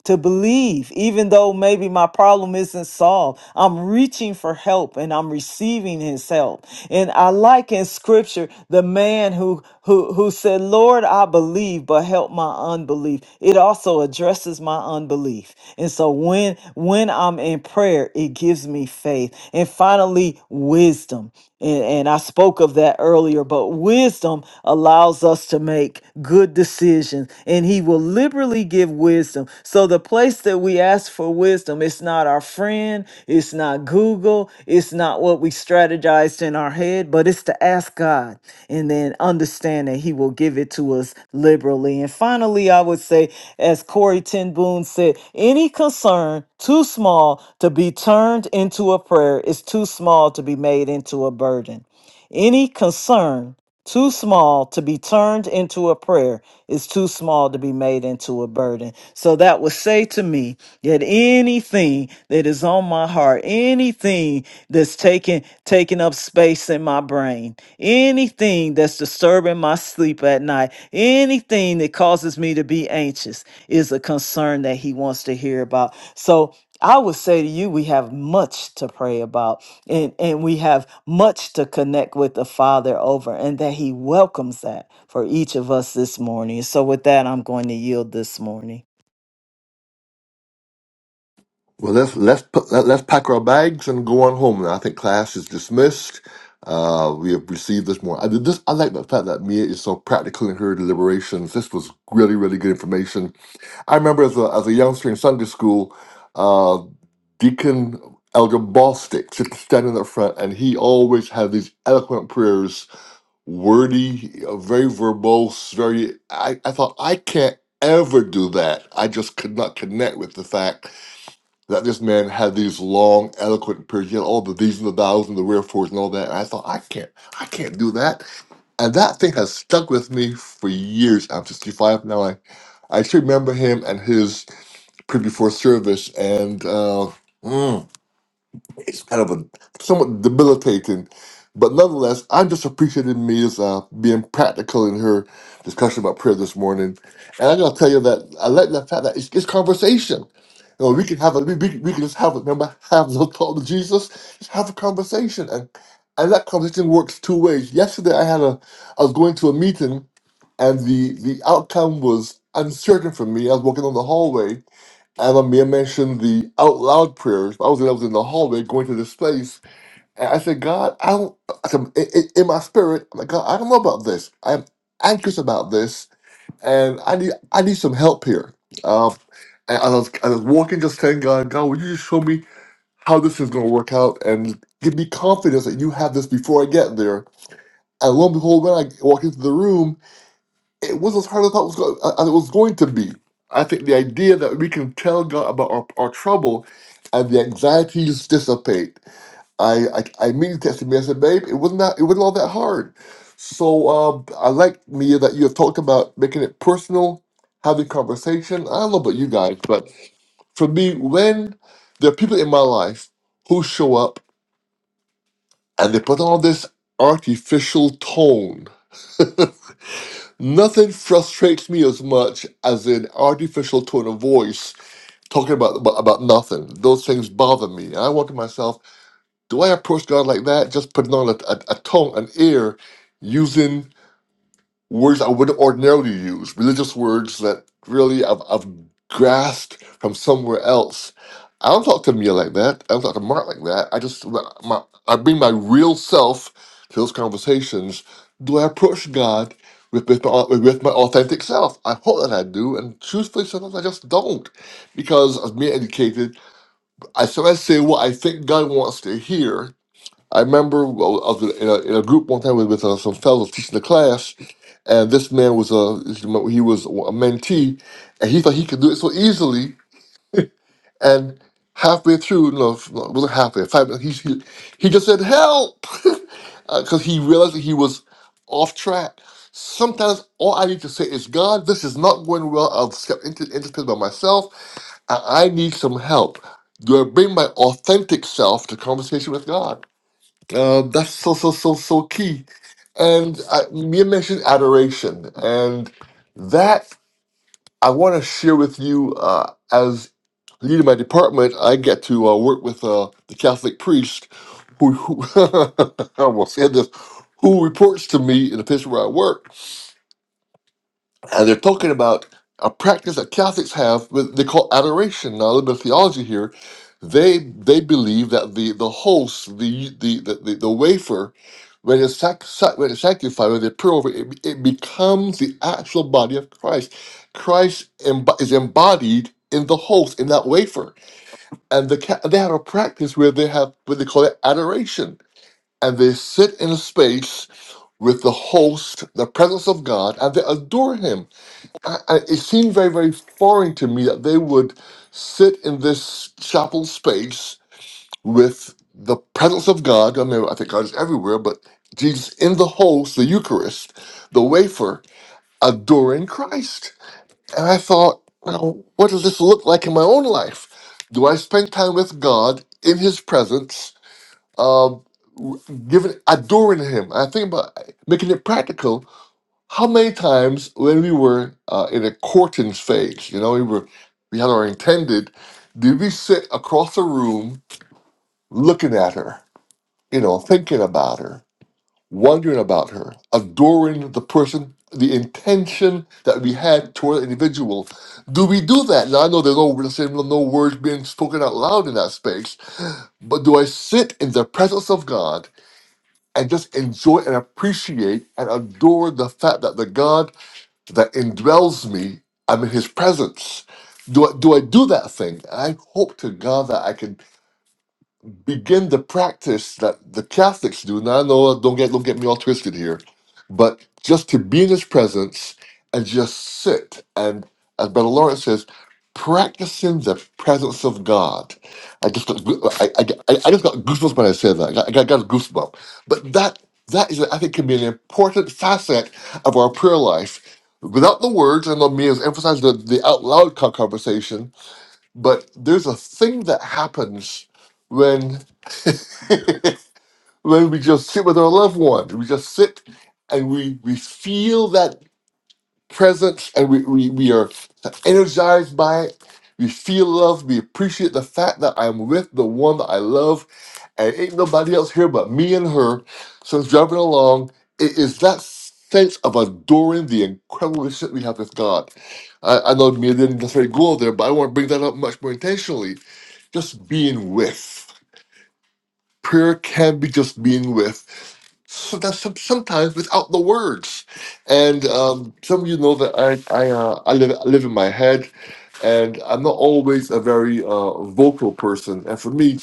[SPEAKER 3] to believe, even though maybe my problem isn't solved. I'm reaching for help and I'm receiving his help. And I like in scripture the man who who who said, Lord, I believe, but help my unbelief. It also addresses my unbelief. And so when when I'm in prayer, it gives me faith. And finally, wisdom. And, and I spoke of that earlier, but wisdom allows us to make good decisions, and He will liberally give wisdom. So, the place that we ask for wisdom, it's not our friend, it's not Google, it's not what we strategized in our our head, but it's to ask God and then understand that He will give it to us liberally. And finally, I would say, as Corey Ten Boom said, any concern too small to be turned into a prayer is too small to be made into a burden. Any concern too small to be turned into a prayer is too small to be made into a burden. So that would say to me that anything that is on my heart, anything that's taking taking up space in my brain, anything that's disturbing my sleep at night, anything that causes me to be anxious is a concern that he wants to hear about. So I would say to you, we have much to pray about and, and we have much to connect with the Father over, and that He welcomes that for each of us this morning. So, with that, I'm going to yield this morning.
[SPEAKER 1] Well, let's let's put, let, let's pack our bags and go on home. Now, I think class is dismissed. Uh, we have received this more. I did this. I like the fact that Mia is so practical in her deliberations. This was really really good information. I remember as a as a youngster in Sunday school, uh, Deacon Elder Bostick sit- standing up front, and he always had these eloquent prayers wordy, uh, very verbose, very. I, I thought I can't ever do that. I just could not connect with the fact that this man had these long, eloquent periods, you know, all the these and the thous and the wherefores and all that. And I thought I can't, I can't do that. And that thing has stuck with me for years. I'm 65 now. I, I still remember him and his pre before service and. uh mm, it's kind of a somewhat debilitating, but nonetheless, I just appreciated Mia's uh, being practical in her discussion about prayer this morning. And I am going to tell you that I like the fact that it's, it's conversation. You know, we can have a we, we, we can just have a remember have the talk with Jesus, just have a conversation, and and that conversation works two ways. Yesterday, I had a I was going to a meeting, and the the outcome was uncertain for me. I was walking on the hallway, as Amir mentioned the out loud prayers, I was, I was in the hallway going to this place, and I said, God, I don't, I said, in, in in my spirit, I'm like, God, I don't know about this. I'm anxious about this, and I need I need some help here. Um, and I was, I was walking, just saying, God, God, will you just show me how this is going to work out and give me confidence that you have this before I get there? And lo and behold, when I walk into the room, it was as hard as I thought it was, go- uh, it was going to be. I think the idea that we can tell God about our, our trouble and the anxieties dissipate. I I, I immediately texted me. I said, "Babe, it wasn't that. It wasn't all that hard." So um, I like Mia that you have talked about making it personal, having conversation. I don't know about you guys, but for me, when there are people in my life who show up and they put on this artificial tone. Nothing frustrates me as much as an artificial tone of voice talking about, about about nothing. Those things bother me. And I wonder to myself, do I approach God like that? Just putting on a, a, a tongue, an ear, using words I wouldn't ordinarily use, religious words that really I've, I've grasped from somewhere else. I don't talk to Mia like that. I don't talk to Mark like that. I just my, I bring my real self to those conversations. Do I approach God with, with, my, with my authentic self? I hope that I do, and truthfully, sometimes I just don't, because as Mia indicated, I sometimes say what I think God wants to hear, I remember well, I was in a, in a group one time with, with uh, some fellows teaching the class, and this man was a he was a mentee, and he thought he could do it so easily. And halfway through, no, it wasn't halfway, five minutes, he he, he just said help because he realized that he was off track. Sometimes all I need to say is, God, this is not going well. I've stepped into into this by myself, and I need some help. Do I bring my authentic self to conversation with God? Uh, that's so so so so key. And I, you mentioned adoration, and that I want to share with you. Uh, as leading my department, I get to uh, work with uh, the Catholic priest, who, who I almost said this, who reports to me in the place where I work and they're talking about a practice that Catholics have, but they call adoration. Now, a little bit of theology here. They they believe that the the host, the the the, the, the wafer, when it's, sac, sac, when it's sanctified, when they pour over, it, it becomes the actual body of Christ. Christ emb- is embodied in the host, in that wafer, and the Ca- they have a practice where they have what they call it adoration, and they sit in a space with the host, the presence of God, and they adore Him I, I, it seemed very, very foreign to me that they would sit in this chapel space with the presence of God. I mean, I think God is everywhere, but Jesus in the host, the Eucharist, the wafer, adoring Christ. And I thought, now, what does this look like in my own life? Do I spend time with God in His presence, uh, giving, adoring Him? I think about making it practical how many times when we were uh, in a courting phase, you know, we were we had our intended, did we sit across the room looking at her, you know, thinking about her, wondering about her, adoring the person, the intention that we had toward the individual? Do we do that? Now I know there's no let's say no no words being spoken out loud in that space, but do I sit in the presence of God and just enjoy and appreciate and adore the fact that the God that indwells me. I'm in His presence. Do I do I do that thing? And I hope to God that I can begin the practice that the Catholics do. Now, I know, don't get don't get me all twisted here, but just to be in His presence and just sit and, as Brother Lawrence says, practicing the presence of God. I just got, goo- I, I, I I just got goosebumps when I said that. I got, I got, got a goosebump. But that that is, I think, can be an important facet of our prayer life. Without the words, I know me has emphasized the, the out loud co- conversation, but there's a thing that happens when we just sit with our loved ones, we just sit and we we feel that presence and we, we, we are energized by it. We feel love. We appreciate the fact that I'm with the one that I love and ain't nobody else here but me and her. So it's driving along. It is that sense of adoring the incredible relationship we have with God. I, I know me didn't necessarily go there, but I want to bring that up much more intentionally. Just being with prayer can be just being with so that's some, sometimes without the words and um, some of you know that i I, uh, I live, I live in my head and i'm not always a very uh, vocal person and for me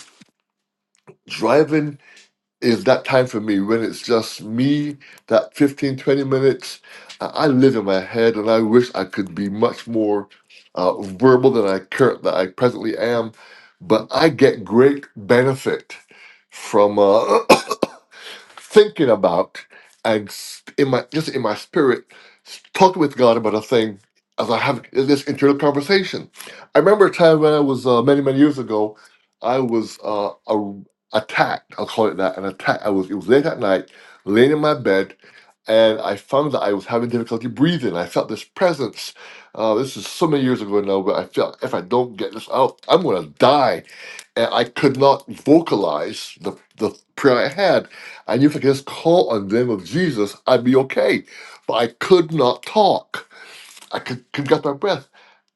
[SPEAKER 1] driving is that time for me when it's just me that 15 20 minutes i I live in my head and i wish i could be much more uh, verbal than i current that i presently am but i get great benefit from uh, thinking about and s- in my just in my spirit s- talking with God about a thing as I have this internal conversation. I remember a time when I was uh, many many years ago, I was uh, a, attacked. I'll call it that an attack. I was it was late at night, laying in my bed. And I found that I was having difficulty breathing. I felt this presence. Uh, this is so many years ago now, but I felt if I don't get this out, I'm gonna die and I could not vocalize the, the prayer I had. I knew if I could just call on the name of Jesus, I'd be okay. But I could not talk. I could, could get my breath.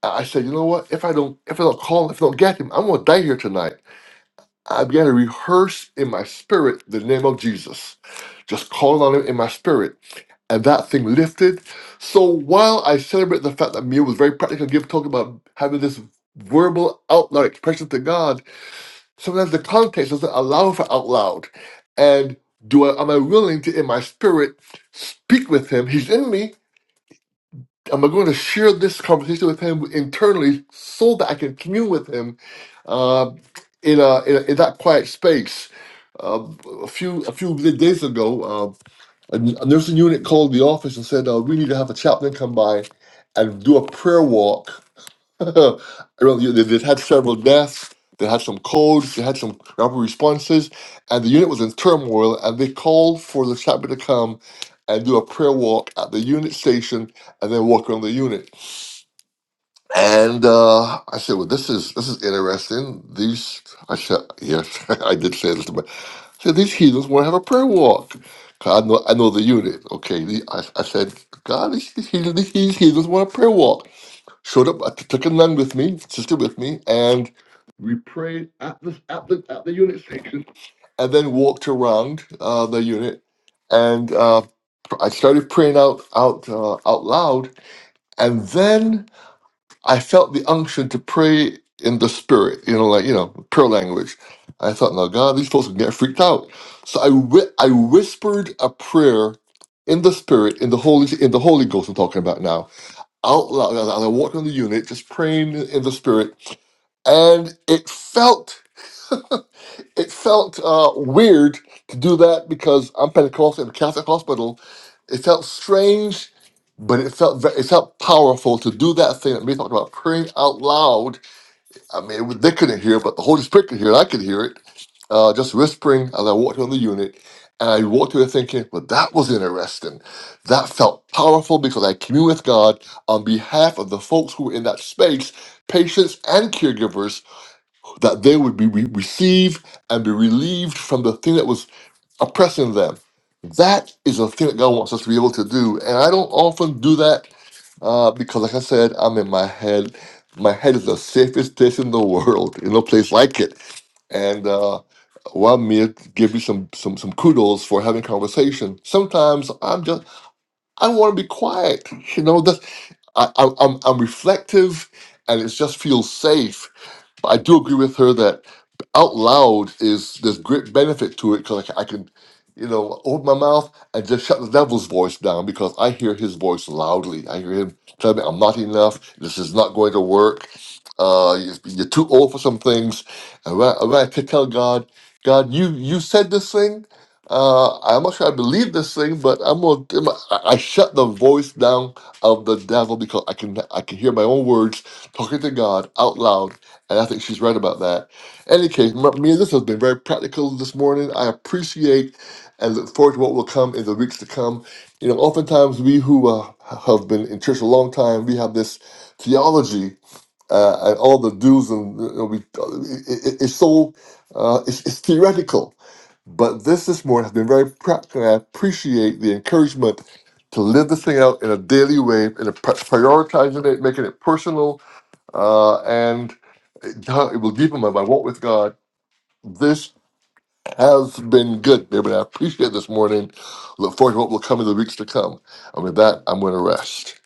[SPEAKER 1] I I said, you know what? If I don't, if I don't call, if I don't get him, I'm gonna die here tonight. I began to rehearse in my spirit the name of Jesus, just calling on him in my spirit, and that thing lifted. So while I celebrate the fact that Mia was very practical, give talking about having this verbal out loud expression to God, Sometimes the context doesn't allow for out loud. And do I am I willing to in my spirit speak with him? He's in me. Am I going to share this conversation with him internally so that I can commune with him uh, in, a, in a in that quiet space? Um a few a few days ago, um a, a nursing unit called the office and said uh, we need to have a chaplain come by and do a prayer walk Well, you- they, they had several deaths. They had some codes. They had some rapid responses, and the unit was in turmoil. And they called for the chaplain to come and do a prayer walk at the unit station, and then walk around the unit. And uh, I said, "Well, this is this is interesting. These," I said, "Yes, I did say this, but I said these heathens want to have a prayer walk." 'Cause I know, I know the unit. Okay, the, I, I said, God, these, these, heathens- these heathens want a prayer walk showed up, I t- took a nun with me, sister with me, and we prayed at the at the at the unit station, and then walked around uh, the unit, and uh, pr- I started praying out out uh, out loud, and then I felt the unction to pray in the spirit, you know, like you know, prayer language. I thought, now God, these folks can get freaked out. So I whi- I whispered a prayer in the spirit, in the holy in the Holy Ghost. I'm talking about now out loud as I walked in the unit, just praying in the spirit, and it felt it felt uh, weird to do that because I'm Pentecostal in a Catholic hospital. It felt strange, but it felt ve- it felt powerful to do that thing that we talked about, praying out loud I mean, it was, they couldn't hear it, but the Holy Spirit could hear it. I could hear it, uh, just whispering as I walked on the unit. And I walked through there thinking, well, that was interesting. That felt powerful because I communed with God on behalf of the folks who were in that space, patients and caregivers, that they would be re- received and be relieved from the thing that was oppressing them. That is a thing that God wants us to be able to do. And I don't often do that uh, because, like I said, I'm in my head. My head is the safest place in the world, in no place like it. And uh, while me give you some, some some kudos for having conversation, sometimes I'm just I want to be quiet. You know, that's I, I, I'm I'm reflective, and it just feels safe but I do agree with her that out loud is there's great benefit to it because I, can- you know, open my mouth and just shut the devil's voice down because I hear his voice loudly. I hear him tell me I'm not enough. This is not going to work. Uh, you- you're too old for some things. And when I, when I could tell God, God, you you said this thing. Uh, I'm not sure I believe this thing, but I'm gonna. I'm gonna- I I shut the voice down of the devil because I can I can hear my own words talking to God out loud and I think she's right about that. Any case, M- me and this has been very practical this morning. I appreciate and look forward to what will come in the weeks to come. You know, oftentimes we who uh, have been in church a long time, we have this theology uh, and all the do's and you know, we, uh, it, it- it's so uh, it's, it's theoretical. But this this morning has been very practical. And I appreciate the encouragement to live this thing out in a daily way, and prioritizing it, making it personal uh, and God- it will deepen my, my walk with God. This has been good, baby. I appreciate this morning. Look forward to what will come in the weeks to come. And with that, I'm going to rest.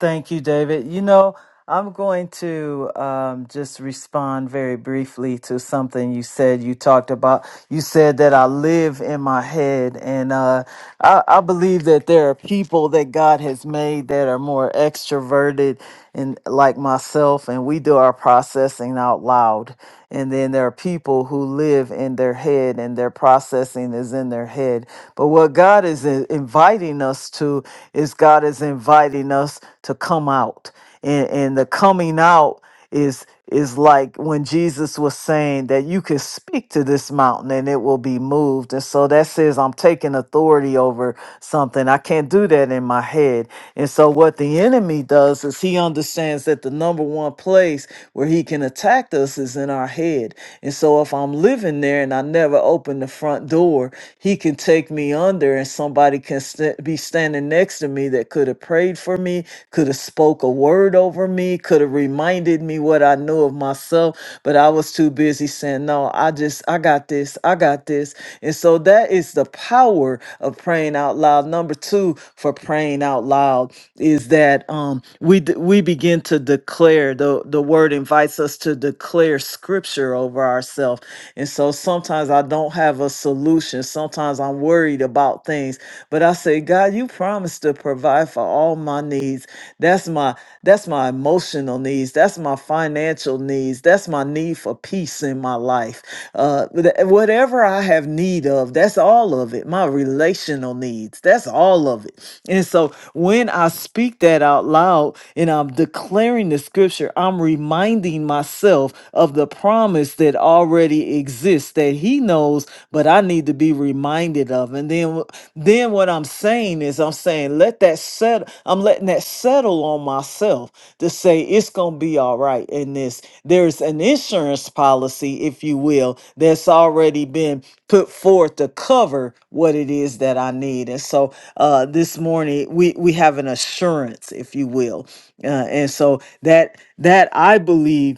[SPEAKER 3] Thank you, David. You know, I'm going to um, just respond very briefly to something you said. You talked about, you said that I live in my head, and uh, I, I believe that there are people that God has made that are more extroverted and like myself, and we do our processing out loud. And then there are people who live in their head and their processing is in their head. But what God is in- inviting us to is God is inviting us to come out. And, and the coming out is is like when Jesus was saying that you can speak to this mountain and it will be moved. And so that says I'm taking authority over something. I can't do that in my head. And so what the enemy does is he understands that the number one place where he can attack us is in our head. And so if I'm living there and I never open the front door, he can take me under wonder and somebody can st- be standing next to me that could have prayed for me could have spoke a word over me could have reminded me what i knew of myself but i was too busy saying no i just i got this i got this and so that is the power of praying out loud number two for praying out loud is that um we d- we begin to declare the the word in invites us to declare scripture over ourselves. And so sometimes I don't have a solution. Sometimes I'm worried about things, but I say, God, you promised to provide for all my needs. That's my that's my emotional needs. That's my financial needs. That's my need for peace in my life. Uh, th- whatever I have need of, that's all of it. My relational relational needs. That's all of it. And so when I speak that out loud and I'm declaring the scripture, I'm reminding myself of the promise that already exists that he knows, but I need to be reminded of. And then then what I'm saying is I'm saying let that settle. I'm letting that settle on myself to say it's gonna be all right in this. There's an insurance policy, if you will, that's already been put forth to cover what it is that I need. And so uh, this morning we we have an assurance, if you will, uh, and so that that I believe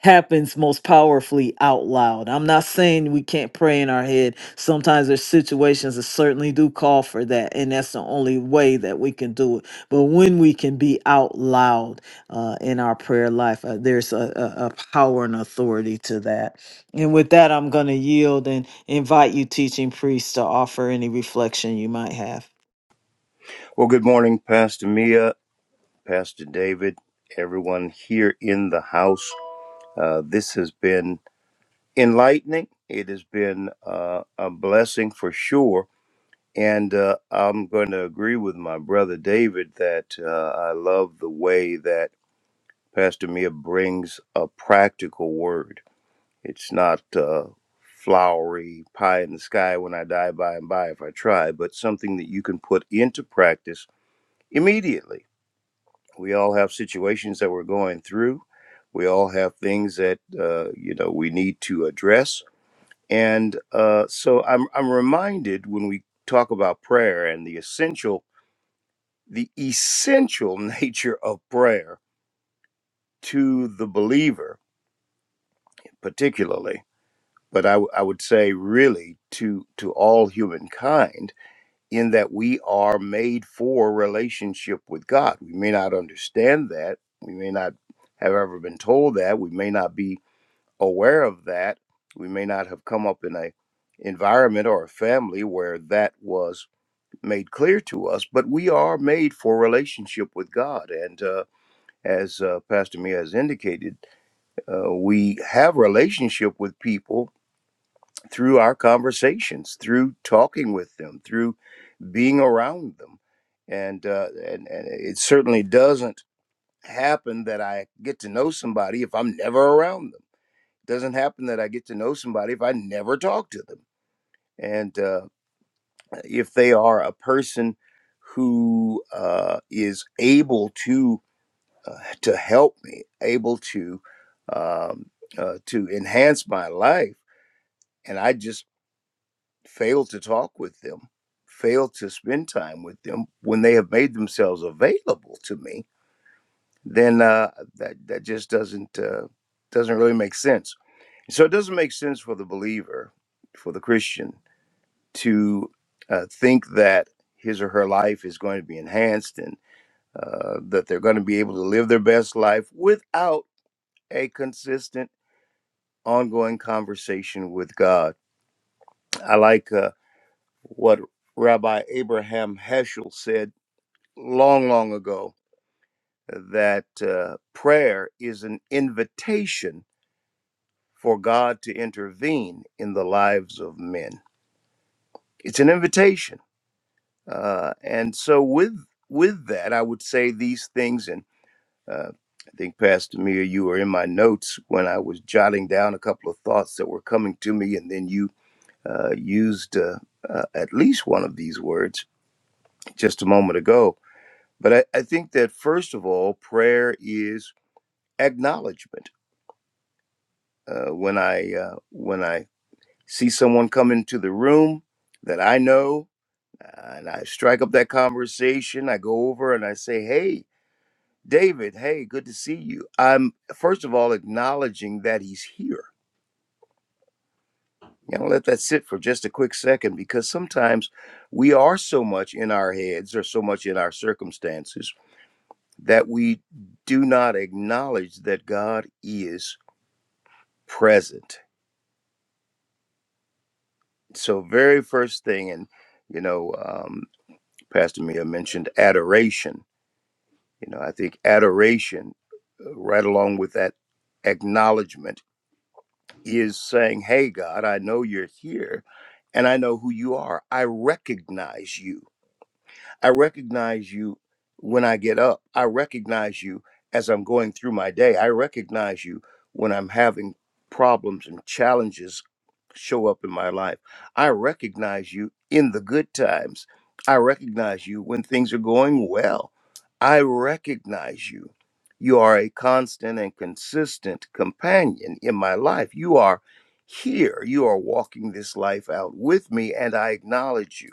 [SPEAKER 3] happens most powerfully out loud. I'm not saying we can't pray in our head. Sometimes there's situations that certainly do call for that, and that's the only way that we can do it. But when we can be out loud uh, in our prayer life, uh, there's a, a, a power and authority to that. And with that, I'm going to yield and invite you, teaching priests, to offer any reflection you might have.
[SPEAKER 2] Well, good morning, Pastor Mia, Pastor David, everyone here in the house. Uh, this has been enlightening. It has been uh, a blessing for sure. And uh, I'm going to agree with my brother David that uh, I love the way that Pastor Mia brings a practical word. It's not uh, flowery pie in the sky when I die by and by if I try, but something that you can put into practice immediately. We all have situations that we're going through. We all have things that uh, you know we need to address, and uh, so I'm I'm reminded when we talk about prayer and the essential the essential nature of prayer to the believer, particularly, but I, w- I would say really to, to all humankind, in that we are made for relationship with God. We may not understand that. We may not have ever been told that. We may not be aware of that. We may not have come up in a environment or a family where that was made clear to us, but we are made for relationship with God. And uh, as uh, Pastor Mia has indicated, uh, we have relationship with people through our conversations, through talking with them, through being around them, and uh, and, and it certainly doesn't happen that I get to know somebody if I'm never around them. It doesn't happen that I get to know somebody if I never talk to them, and uh, if they are a person who uh, is able to uh, to help me, able to um, uh, to enhance my life, and I just fail to talk with them, fail to spend time with them when they have made themselves available to me. Then uh, that that just doesn't uh, doesn't really make sense. So it doesn't make sense for the believer, for the Christian, to uh, think that his or her life is going to be enhanced and uh, that they're going to be able to live their best life without a consistent ongoing conversation with God. I like uh, what Rabbi Abraham Heschel said long, long ago that uh, prayer is an invitation for God to intervene in the lives of men. It's an invitation. Uh, and so, with with that, I would say these things. And uh, I think Pastor Mia, you were in my notes when I was jotting down a couple of thoughts that were coming to me, and then you uh, used uh, uh, at least one of these words just a moment ago. But I, I think that first of all, prayer is acknowledgement. Uh, when I uh, when I see someone come into the room that I know, uh, and I strike up that conversation, I go over and I say, "Hey, David. Hey, good to see you." I'm first of all acknowledging that he's here Yeah, I'll let that sit for just a quick second because sometimes we are so much in our heads or so much in our circumstances that we do not acknowledge that God is present. So, very first thing, and you know, um, Pastor Mia mentioned adoration. You know, I think adoration, uh, right along with that acknowledgement, is saying, Hey, God, I know you're here and I know who you are. I recognize you I recognize you when I get up. I recognize you as I'm going through my day. I recognize you when I'm having problems and challenges show up in my life. I recognize you in the good times. I recognize you when things are going well. I recognize you. You are a constant and consistent companion in my life. You are here. You are walking this life out with me, and I acknowledge you.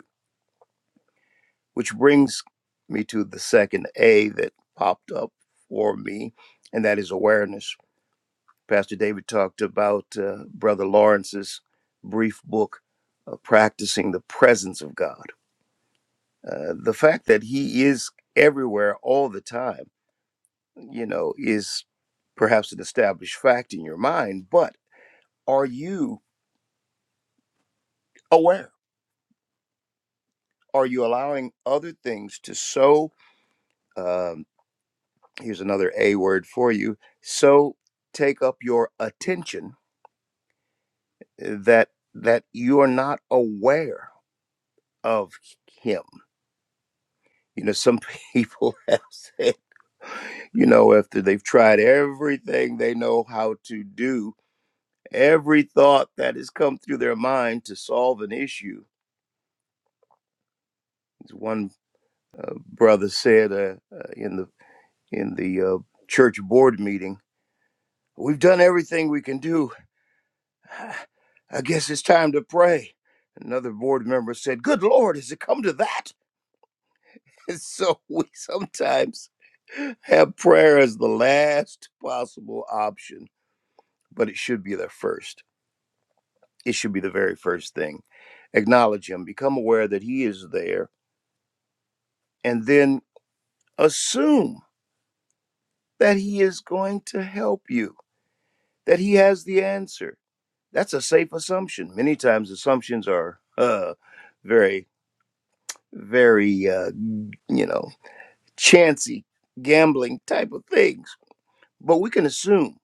[SPEAKER 2] Which brings me to the second A that popped up for me, and that is awareness. Pastor David talked about uh, Brother Lawrence's brief book, uh, Practicing the Presence of God. Uh, the fact that he is everywhere all the time, you know, is perhaps an established fact in your mind, but are you aware? Are you allowing other things to sow? um, here's another A word for you. So take up your attention uh, that that you are not aware of him. You know, some people have said, you know, after they've tried everything they know how to do, every thought that has come through their mind to solve an issue. As one uh, brother said uh, uh, in the in the uh, church board meeting, we've done everything we can do I guess it's time to pray. Another board member said, Good Lord, has it come to that? And so we sometimes have prayer as the last possible option, but it should be the first. It should be the very first thing. Acknowledge Him, become aware that He is there, and then assume that He is going to help you, that He has the answer. That's a safe assumption. Many times, assumptions are uh, very, very uh, you know chancy gambling type of things. But we can assume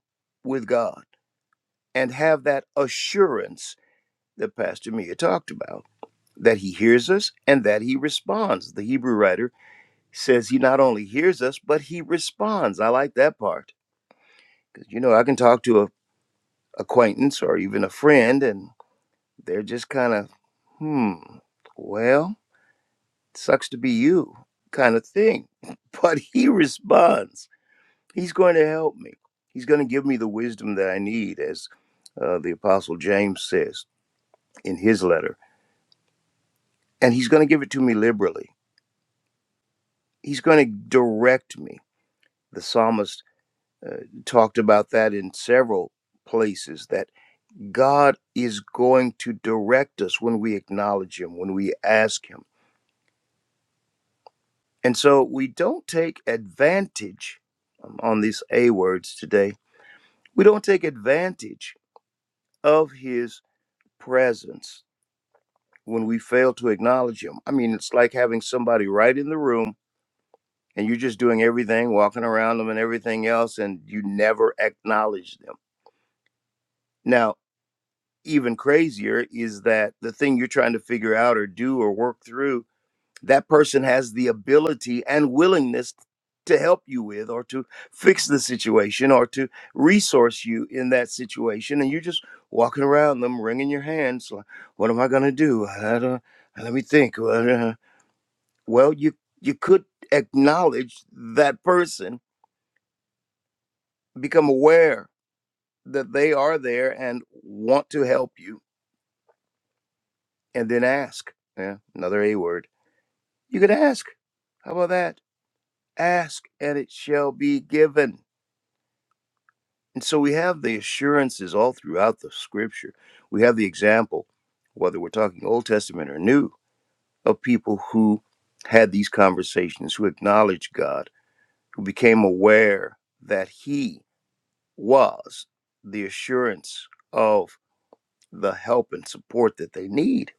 [SPEAKER 2] with God and have that assurance that Pastor Mia talked about that he hears us and that he responds. The Hebrew writer says he not only hears us, but he responds. I like that part because, you know, I can talk to a acquaintance or even a friend and they're just kind of, hmm, well, sucks to be you kind of thing. But he responds He's going to help me. He's going to give me the wisdom that I need, as uh, the Apostle James says in his letter. And he's going to give it to me liberally. He's going to direct me. The psalmist uh, talked about that in several places that God is going to direct us when we acknowledge him, when we ask him. And so we don't take advantage um, on these A words today. We don't take advantage of his presence when we fail to acknowledge him. I mean, it's like having somebody right in the room and you're just doing everything, walking around them and everything else, and you never acknowledge them. Now, even crazier is that the thing you're trying to figure out or do or work through, that person has the ability and willingness to help you with or to fix the situation or to resource you in that situation. And you're just walking around them, wringing your hands like, what am I going to do? I don't, let me think. Well, you you could acknowledge that person, become aware that they are there and want to help you, and then ask. Yeah, another A word. You could ask. How about that? Ask and it shall be given. And so we have the assurances all throughout the scripture. We have the example, whether we're talking Old Testament or New, of people who had these conversations, who acknowledged God, who became aware that He was the assurance of the help and support that they need.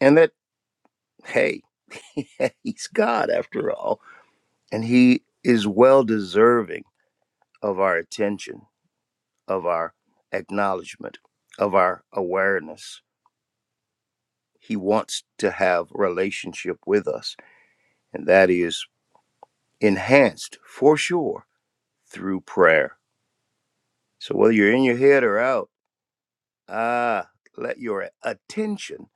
[SPEAKER 2] And that, hey, he's God after all. And he is well deserving of our attention, of our acknowledgement, of our awareness. He wants to have relationship with us. And that is enhanced for sure through prayer. So whether you're in your head or out, ah, let your attention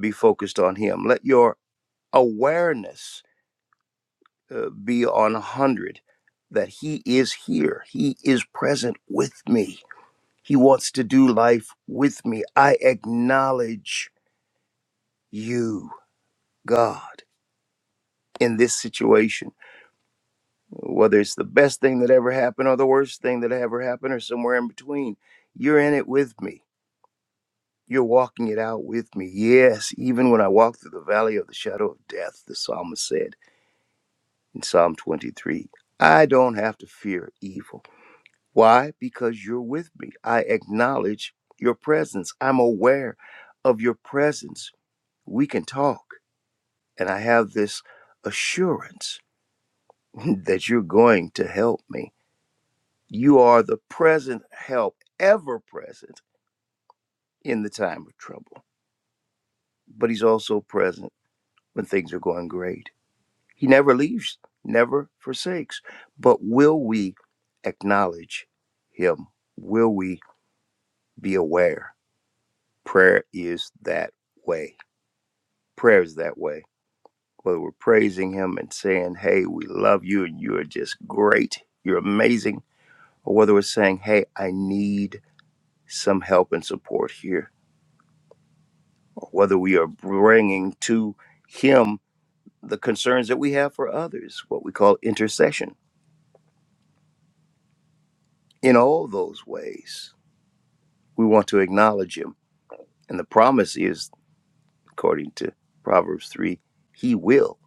[SPEAKER 2] be focused on him. Let your awareness uh, be on 100 that He is here. He is present with me. He wants to do life with me. I acknowledge you, God, in this situation, whether it's the best thing that ever happened or the worst thing that ever happened or somewhere in between. You're in it with me. You're walking it out with me. Yes, even when I walk through the valley of the shadow of death, the psalmist said in Psalm 23, I don't have to fear evil Why? Because you're with me. I acknowledge your presence. I'm aware of your presence. We can talk. And I have this assurance that you're going to help me. You are the present help, ever present in the time of trouble. But He's also present when things are going great. He never leaves, never forsakes. But will we acknowledge Him? Will we be aware? Prayer is that way Prayers that way. Whether we're praising Him and saying, Hey, we love you and you are just great, you're amazing, or whether we're saying, Hey, I need some help and support here, or whether we are bringing to Him the concerns that we have for others, what we call intercession. In all those ways, we want to acknowledge Him. And the promise is, according to Proverbs 3, He will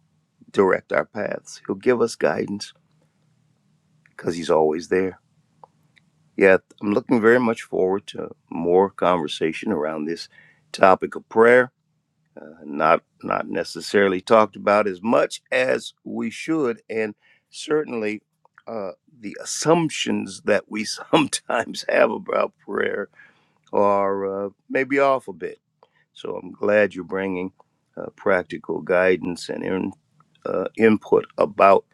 [SPEAKER 2] direct our paths, He'll give us guidance because He's always there. Yeah, I'm looking very much forward to more conversation around this topic of prayer. Uh, not not necessarily talked about as much as we should, and certainly uh, the assumptions that we sometimes have about prayer are uh, maybe off a bit. So I'm glad you're bringing uh, practical guidance and in, uh, input about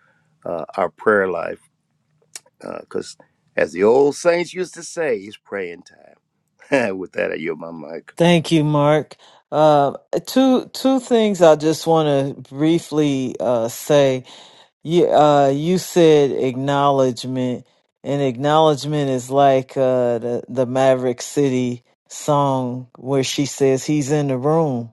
[SPEAKER 2] uh, our prayer life, because as the old saints used to say, it's praying time. With that, I yield my mic.
[SPEAKER 3] Thank you, Mark. Uh, two two things I just want to briefly uh, say. You uh you said acknowledgement, and acknowledgement is like uh the the Maverick City song where she says he's in the room.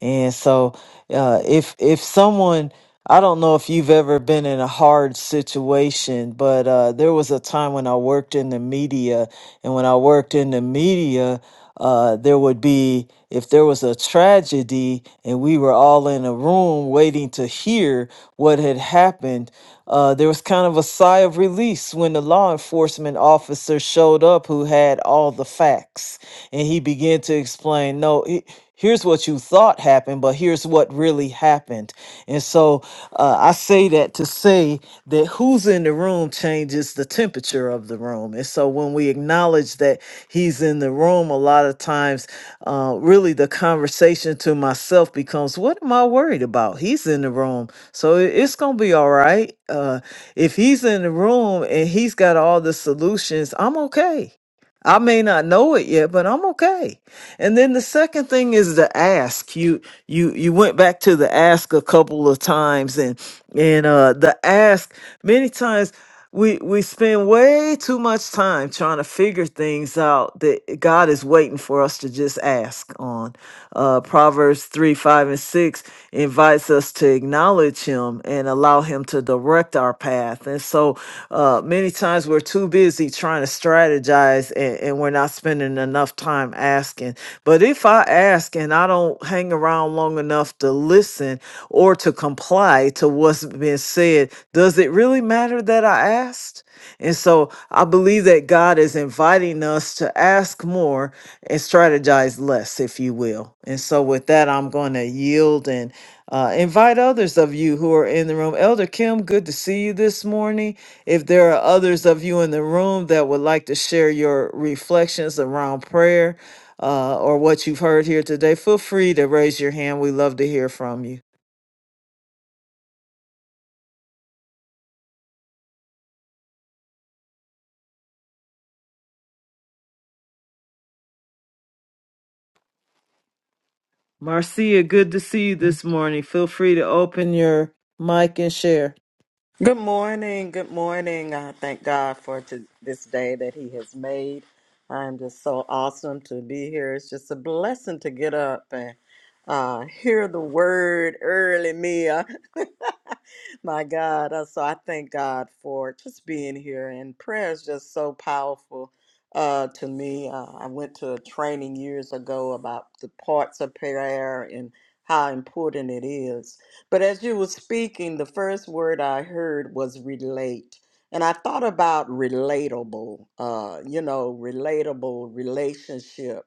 [SPEAKER 3] And so, uh, if if someone, I don't know if you've ever been in a hard situation, but uh, there was a time when I worked in the media, and when I worked in the media, uh, there would be if there was a tragedy, and we were all in a room waiting to hear what had happened. Uh, there was kind of a sigh of release when the law enforcement officer showed up who had all the facts. And he began to explain no, he- here's what you thought happened, but here's what really happened. And so uh, I say that to say that who's in the room changes the the temperature of the room. And so when we acknowledge that he's in the room, a lot of times, uh, really the conversation to myself becomes, What am I worried about? He's in the room. So it- it's going to be all right. Uh, if he's in the room and he's got all the solutions, I'm okay. I may not know it yet, but I'm okay. And then the second thing is the ask. You you you went back to the ask a couple of times and and uh the ask many times we we spend way too much time trying to figure things out that God is waiting for us to just ask on uh, Proverbs 3, 5, and 6 invites us to acknowledge Him and allow Him to direct our path. And so uh, many times we're too busy trying to strategize and, and we're not spending enough time asking. But if I ask and I don't hang around long enough to listen or to comply to what's been said, does it really matter that I asked? And so I believe that God is inviting us to ask more and strategize less, if you will. And so with that, I'm going to yield and uh, invite others of you who are in the room. Elder Kim, good to see you this morning. If there are others of you in the room that would like to share your reflections around prayer uh, or what you've heard here today, feel free to raise your hand. We love to hear from you. Marcia, good to see you this morning. Feel free to open your mic and share.
[SPEAKER 4] Good morning. Good morning. I thank God for to this day that He has made. I'm just so awesome to be here. It's just a blessing to get up and uh, hear the word early, Mia. My God. Uh, So I thank God for just being here. And prayer is just so powerful uh, to me. Uh, I went to a training years ago about the parts of prayer and how important it is. But as you were speaking, the first word I heard was relate. And I thought about relatable, uh, you know, relatable relationship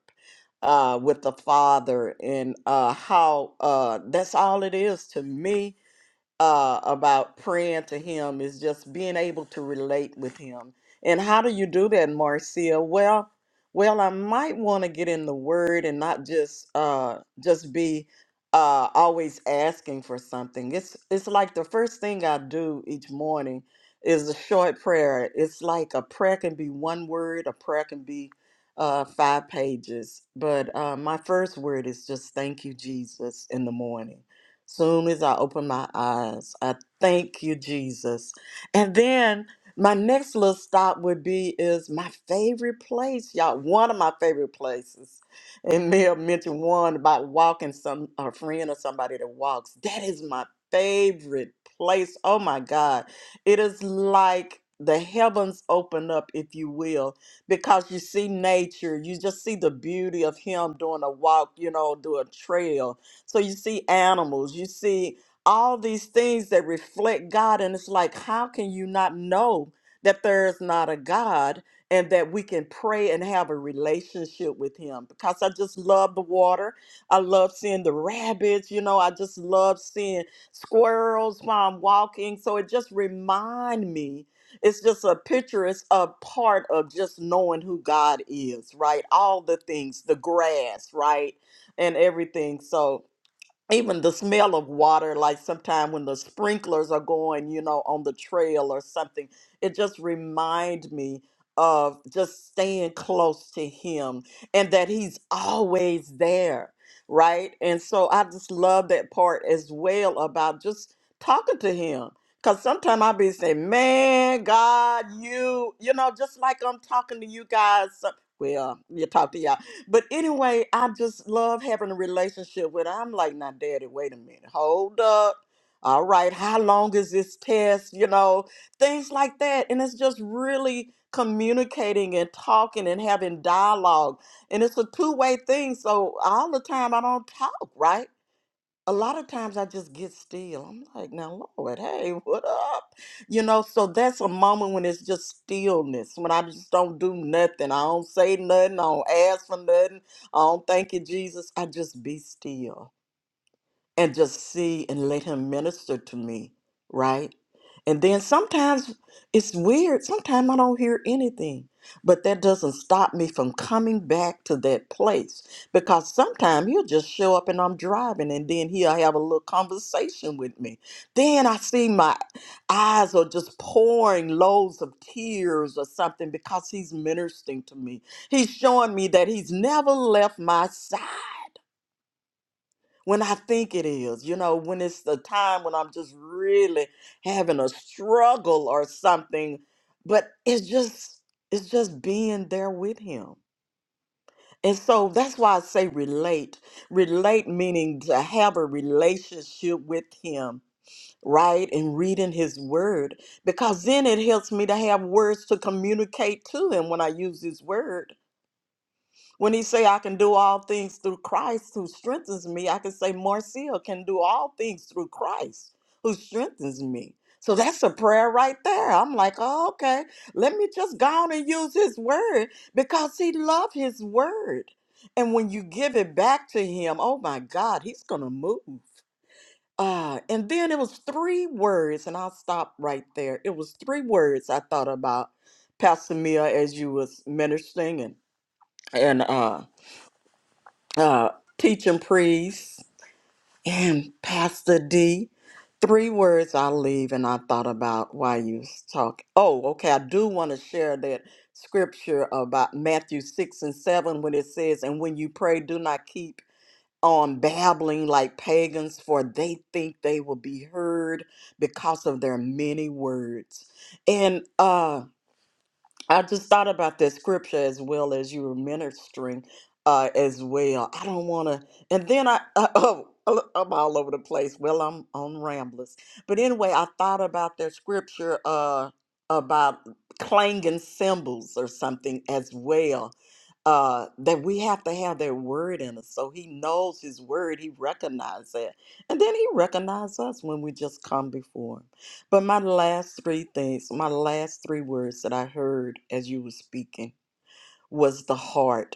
[SPEAKER 4] uh, with the Father and uh, how uh, that's all it is to me uh, about praying to Him is just being able to relate with Him. And how do you do that, Marcia? Well, well, I might want to get in the Word and not just uh, just be uh, always asking for something. It's it's like the first thing I do each morning is a short prayer. It's like a prayer can be one word, a prayer can be uh, five pages. But uh, my first word is just thank you, Jesus, in the morning Soon as I open my eyes, I thank you, Jesus. And then my next little stop would be is my favorite place, y'all. One of my favorite places. And Mel mentioned one about walking some a friend or somebody that walks. That is my favorite place. Oh my God. It is like the heavens open up, if you will, because you see nature, you just see the beauty of him doing a walk, you know, do a trail so you see animals, you see all these things that reflect God. And it's like, how can you not know that there is not a God and that we can pray and have a relationship with Him? Because I just love the water. I love seeing the rabbits, you know, I just love seeing squirrels while I'm walking. So it just remind me. It's just a picture, it's a part of just knowing who God is, right? All the things, the grass, right? And everything. So even the smell of water like sometimes when the sprinklers are going you know on the trail or something it just remind me of just staying close to him and that he's always there right and so i just love that part as well about just talking to him because sometimes i be saying man god you you know just like i'm talking to you guys some- well you talk to y'all but anyway, I just love having a relationship with her. I'm like, now, daddy, wait a minute. Hold up. All right, how long is this test? You know, things like that. And it's just really communicating and talking and having dialogue. And it's a two way thing. So all the time I don't talk, right? a lot of times I just get still. I'm like, now, Lord, hey, what up? You know, so that's a moment when it's just stillness, when I just don't do nothing. I don't say nothing. I don't ask for nothing. I don't thank you, Jesus. I just be still and just see and let him minister to me, right? And then sometimes it's weird. Sometimes I don't hear anything, but that doesn't stop me from coming back to that place because sometimes he'll just show up and I'm driving, and then he'll have a little conversation with me. Then I see my eyes are just pouring loads of tears or something because he's ministering to me. He's showing me that he's never left my side when I think it is, you know, when it's the time when I'm just really having a struggle or something, but it's just it's just being there with him. And so that's why I say relate. Relate meaning to have a relationship with him, right? And reading his word because then it helps me to have words to communicate to him when I use his word when he say I can do all things through Christ who strengthens me, I can say Marcia can do all things through Christ who strengthens me. So that's a prayer right there. I'm like, oh, okay, let me just go on and use his word because he loved his word. And when you give it back to him, oh my God, he's gonna move. Uh, and then it was three words, and I'll stop right there. It was three words I thought about, Pastor Mia, as you was ministering and and uh uh, teaching priest and Pastor D. Three words I leave, and I thought about why you was talking. Oh, okay. I do want to share that scripture about Matthew six and seven when it says, "And when you pray, do not keep on babbling like pagans, for they think they will be heard because of their many words." And uh, I just thought about that scripture as well as you were ministering uh, as well. I don't want to, and then I, oh, I'm all over the place. Well, I'm on ramblers. But anyway, I thought about that scripture uh, about clanging cymbals or something as well. Uh, that we have to have that word in us. So he knows his word, he recognizes that. And then he recognizes us when we just come before. him. But my last three things, my last three words that I heard as you were speaking was the heart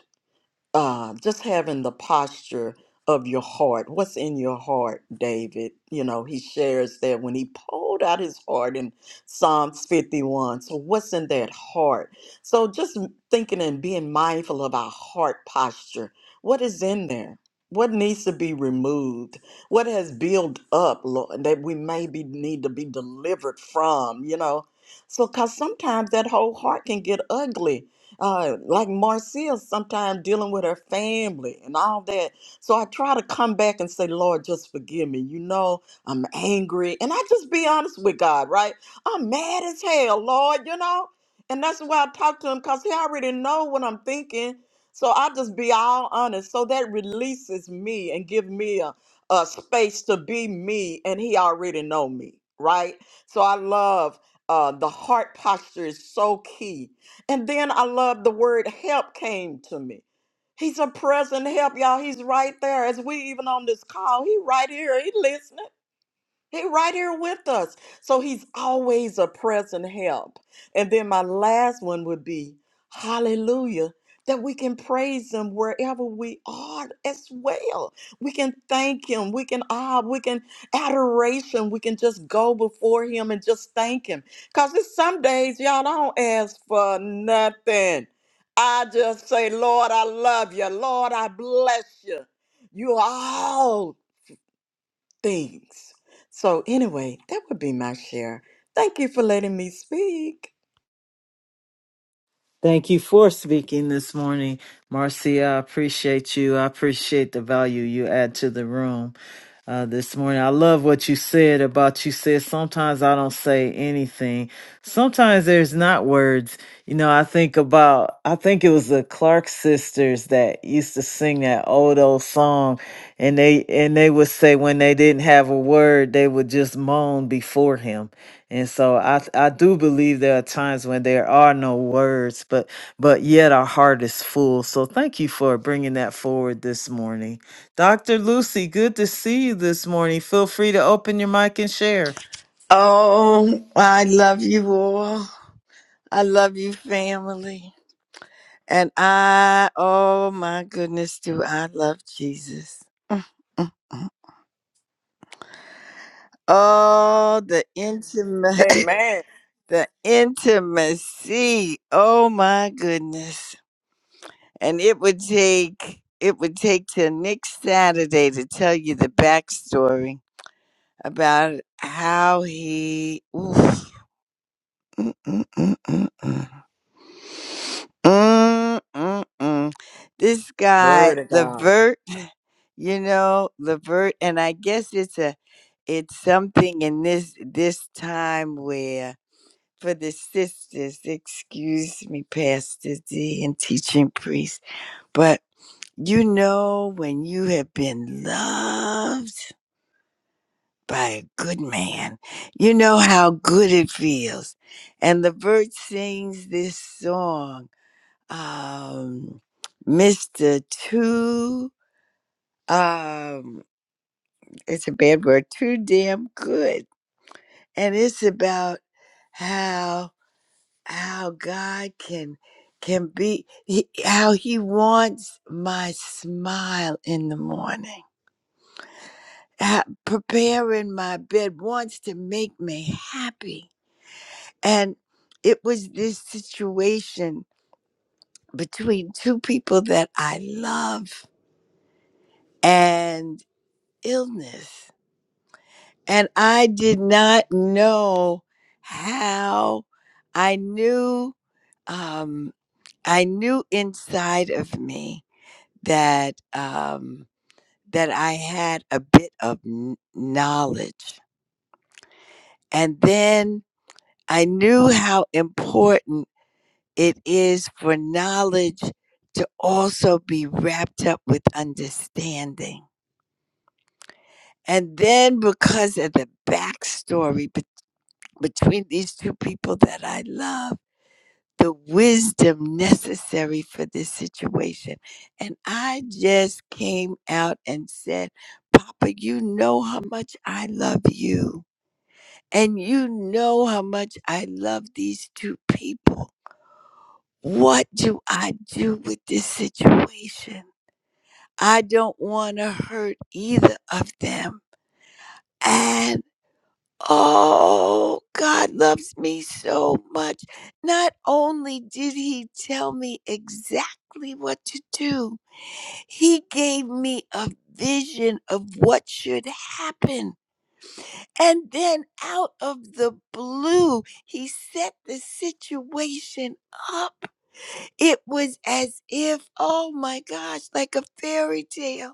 [SPEAKER 4] uh, just having the posture of your heart. What's in your heart, David? You know, he shares that when he pulled out his heart in Psalms 51. So, what's in that heart? So, just m- thinking and being mindful of our heart posture. What is in there? What needs to be removed? What has built up, Lord, that we maybe need to be delivered from, you know? So, because sometimes that whole heart can get ugly uh, like Marcia sometimes dealing with her family and all that. So I try to come back and say, Lord, just forgive me. You know, I'm angry. And I just be honest with God, right? I'm mad as hell, Lord, you know? And that's why I talk to him because he already know what I'm thinking. So I just be all honest. So that releases me and give me a, a space to be me. And he already know me, right? So I love uh, the heart posture is so key and then I love the word help came to me. He's a present help, y'all. He's right there. As we even on this call, he right here. He listening. He right here with us. So he's always a present help. And then my last one would be hallelujah. That we can praise him wherever we are as well. We can thank him. We can ah, we can adoration. We can just go before him and just thank him. Cause it's some days y'all don't ask for nothing. I just say, Lord, I love you. Lord, I bless you. You are all things. So, anyway, that would be my share. Thank you for letting me speak.
[SPEAKER 3] Thank you for speaking this morning, Marcia. I appreciate you. I appreciate the value you add to the room uh, this morning. I love what you said about you said sometimes I don't say anything. Sometimes there's not words. You know, I think about I think it was the Clark sisters that used to sing that old old song, and they and they would say when they didn't have a word, they would just moan before him and so I th- I do believe there are times when there are no words, but but yet our heart is full. So thank you for bringing that forward this morning. Dr. Lucy, good to see you this morning. Feel free to open your mic and share.
[SPEAKER 5] Oh, I love you all. I love you, family. And I, oh my goodness, do I love Jesus. Mm, mm, mm. Oh, the intimate,
[SPEAKER 4] Amen.
[SPEAKER 5] the intimacy. Oh my goodness. And it would take, it would take till next Saturday to tell you the backstory about how he, oof, Mm, mm, mm, mm, mm. Mm, mm, mm. This
[SPEAKER 4] Glory
[SPEAKER 5] guy,
[SPEAKER 4] to God.
[SPEAKER 5] Levert, you know, Levert, and I guess it's a, it's something in this this time where for the sisters, excuse me, Pastor D and teaching priest, but you know when you have been loved by a good man, you know how good it feels. And Levert sings this song um, Mr. Too, um, it's a bad word, too damn good. And it's about how, how God can, can be, he, how he wants my smile in the morning, ha- preparing my bed, wants to make me happy. And it was this situation between two people that I love and illness and I did not know how I knew um I knew inside of me that um that I had a bit of kn- knowledge and then I knew how important it is for knowledge to also be wrapped up with understanding. And then because of the backstory bet between these two people that I love, the wisdom necessary for this situation. And I just came out and said, Papa, you know how much I love you. And you know how much I love these two people. What do I do with this situation? I don't want to hurt either of them. And Oh, God loves me so much. Not only did He tell me exactly what to do, He gave me a vision of what should happen. And then out of the blue, He set the situation up. It was as if, oh my gosh, like a fairy tale.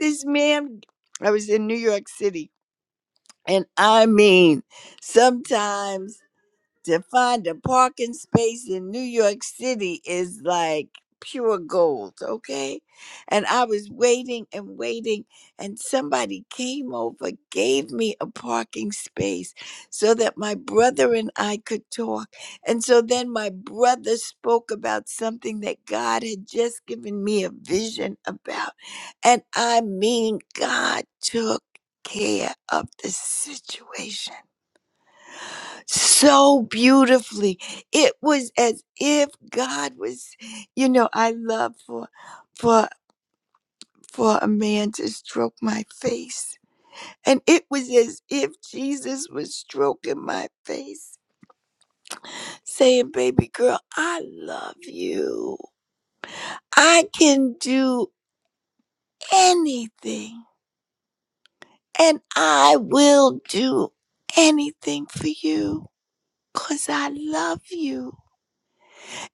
[SPEAKER 5] This man, I was in New York City. And I mean, sometimes to find a parking space in New York City is like pure gold, okay? And I was waiting and waiting, and somebody came over, gave me a parking space so that my brother and I could talk. And so then my brother spoke about something that God had just given me a vision about. And I mean, God took care of the situation so beautifully. It was as if God was, you know, I love for for for a man to stroke my face. And it was as if Jesus was stroking my face, saying, Baby girl, I love you. I can do anything, and I will do anything for you because I love you.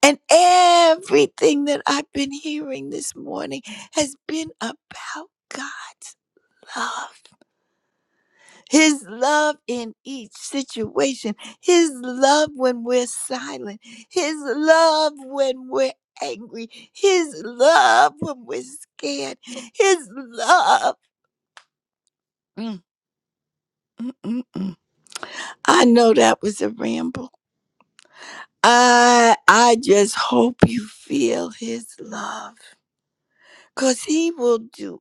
[SPEAKER 5] And everything that I've been hearing this morning has been about God's love. His love in each situation. His love when we're silent. His love when we're angry. His love when we're scared. His love. Mm, mm, mm, mm. I know that was a ramble. I I just hope you feel his love. Cause he will do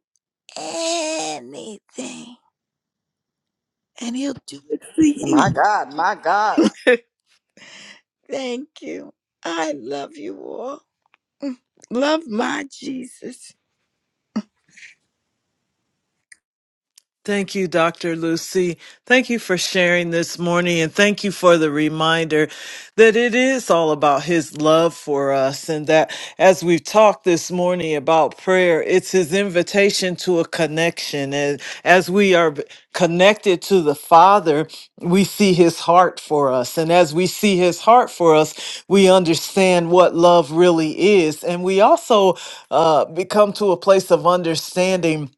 [SPEAKER 5] anything, and He'll do it for
[SPEAKER 4] My
[SPEAKER 5] you.
[SPEAKER 4] God, my God.
[SPEAKER 5] Thank you. I love you all. Love my Jesus.
[SPEAKER 3] Thank you, Dr. Lucy. Thank you for sharing this morning and thank you for the reminder that it is all about his love for us and that as we've talked this morning about prayer, it's his invitation to a connection. And as we are connected to the Father, we see his heart for us. And as we see his heart for us, we understand what love really is. And we also uh, become to a place of understanding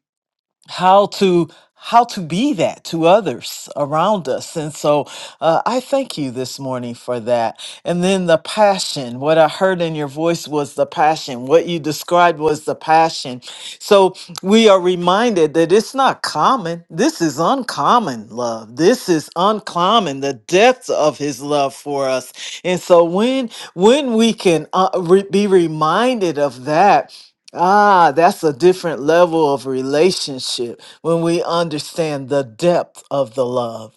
[SPEAKER 3] how to how to be that to others around us and so uh, i thank you this morning for that and then the passion what i heard in your voice was the passion what you described was the passion so we are reminded that it's not common this is uncommon love this is uncommon the depth of his love for us and so when when we can uh, re- be reminded of that Ah, that's a different level of relationship when we understand the depth of the love.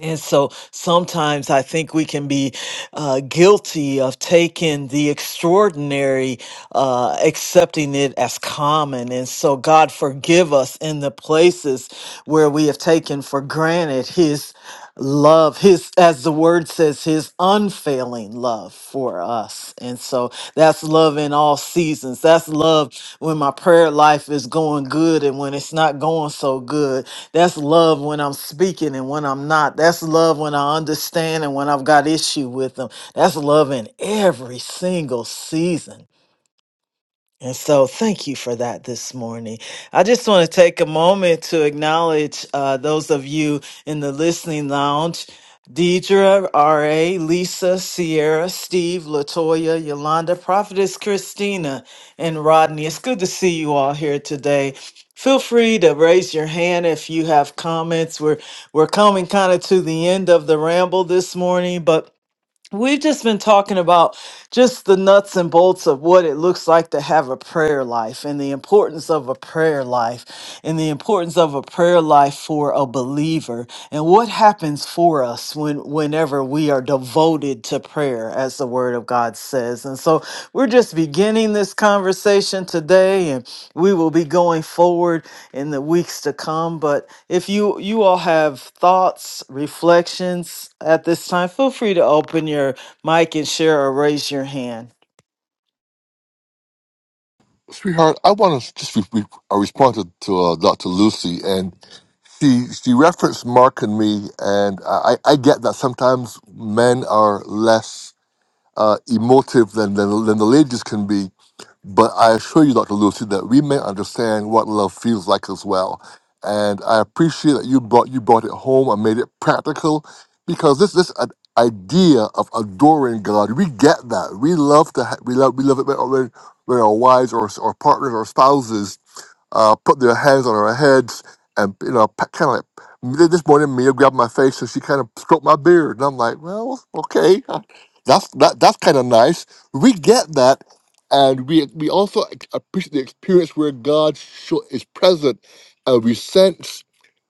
[SPEAKER 3] And so sometimes I think we can be uh, guilty of taking the extraordinary, uh, accepting it as common. And so, God, forgive us in the places where we have taken for granted His love, His, as the word says, His unfailing love for us. And so, that's love in all seasons. That's love when my prayer life is going good and when it's not going so good that's love when I'm speaking and when I'm not. That's love when I understand and when I've got issue with them. That's love in every single season. And so, thank you for that this morning. I just want to take a moment to acknowledge uh, those of you in the listening lounge Deidre, R.A., Lisa, Sierra, Steve, Latoya, Yolanda, Prophetess Christina, and Rodney. It's good to see you all here today. Feel free to raise your hand if you have comments. We're we're coming kind of to the end of the ramble this morning, but We've just been talking about just the nuts and bolts of what it looks like to have a prayer life and the importance of a prayer life and the importance of a prayer life for a believer and what happens for us when whenever we are devoted to prayer as the word of God says. And so we're just beginning this conversation today and we will be going forward in the weeks to come but if you you all have thoughts reflections at this time feel free to open your mic and share or raise your hand
[SPEAKER 1] Sweetheart, I want to just re- re- I responded to uh, Dr. Lucy, and she she referenced Mark and me, and I, I I get that sometimes men are less uh, emotive than, than than the ladies can be, But I assure you, Dr. Lucy, that we may understand what love feels like as well. And I appreciate that you brought you brought it home and made it practical because this this i- idea of adoring God, we get that. We love to ha- we love we love it when, when when our wives or, or partners or spouses uh, put their hands on our heads and you know kind of like this morning Mia grabbed my face and she kind of stroked my beard and I'm like well okay huh, that's that, that's kind of nice we get that and we we also ex- appreciate the experience where God sho- is present and we sense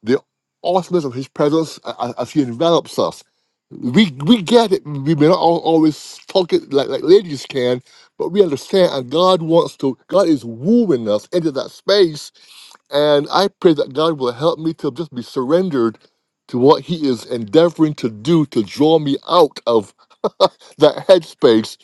[SPEAKER 1] the awesomeness of His presence a- a- as He envelops us. We we get it. We may not al- always talk it like, like ladies can, but we understand, and God wants to, God is wooing us into that space and I pray that God will help me to just be surrendered to what He is endeavoring to do to draw me out of that headspace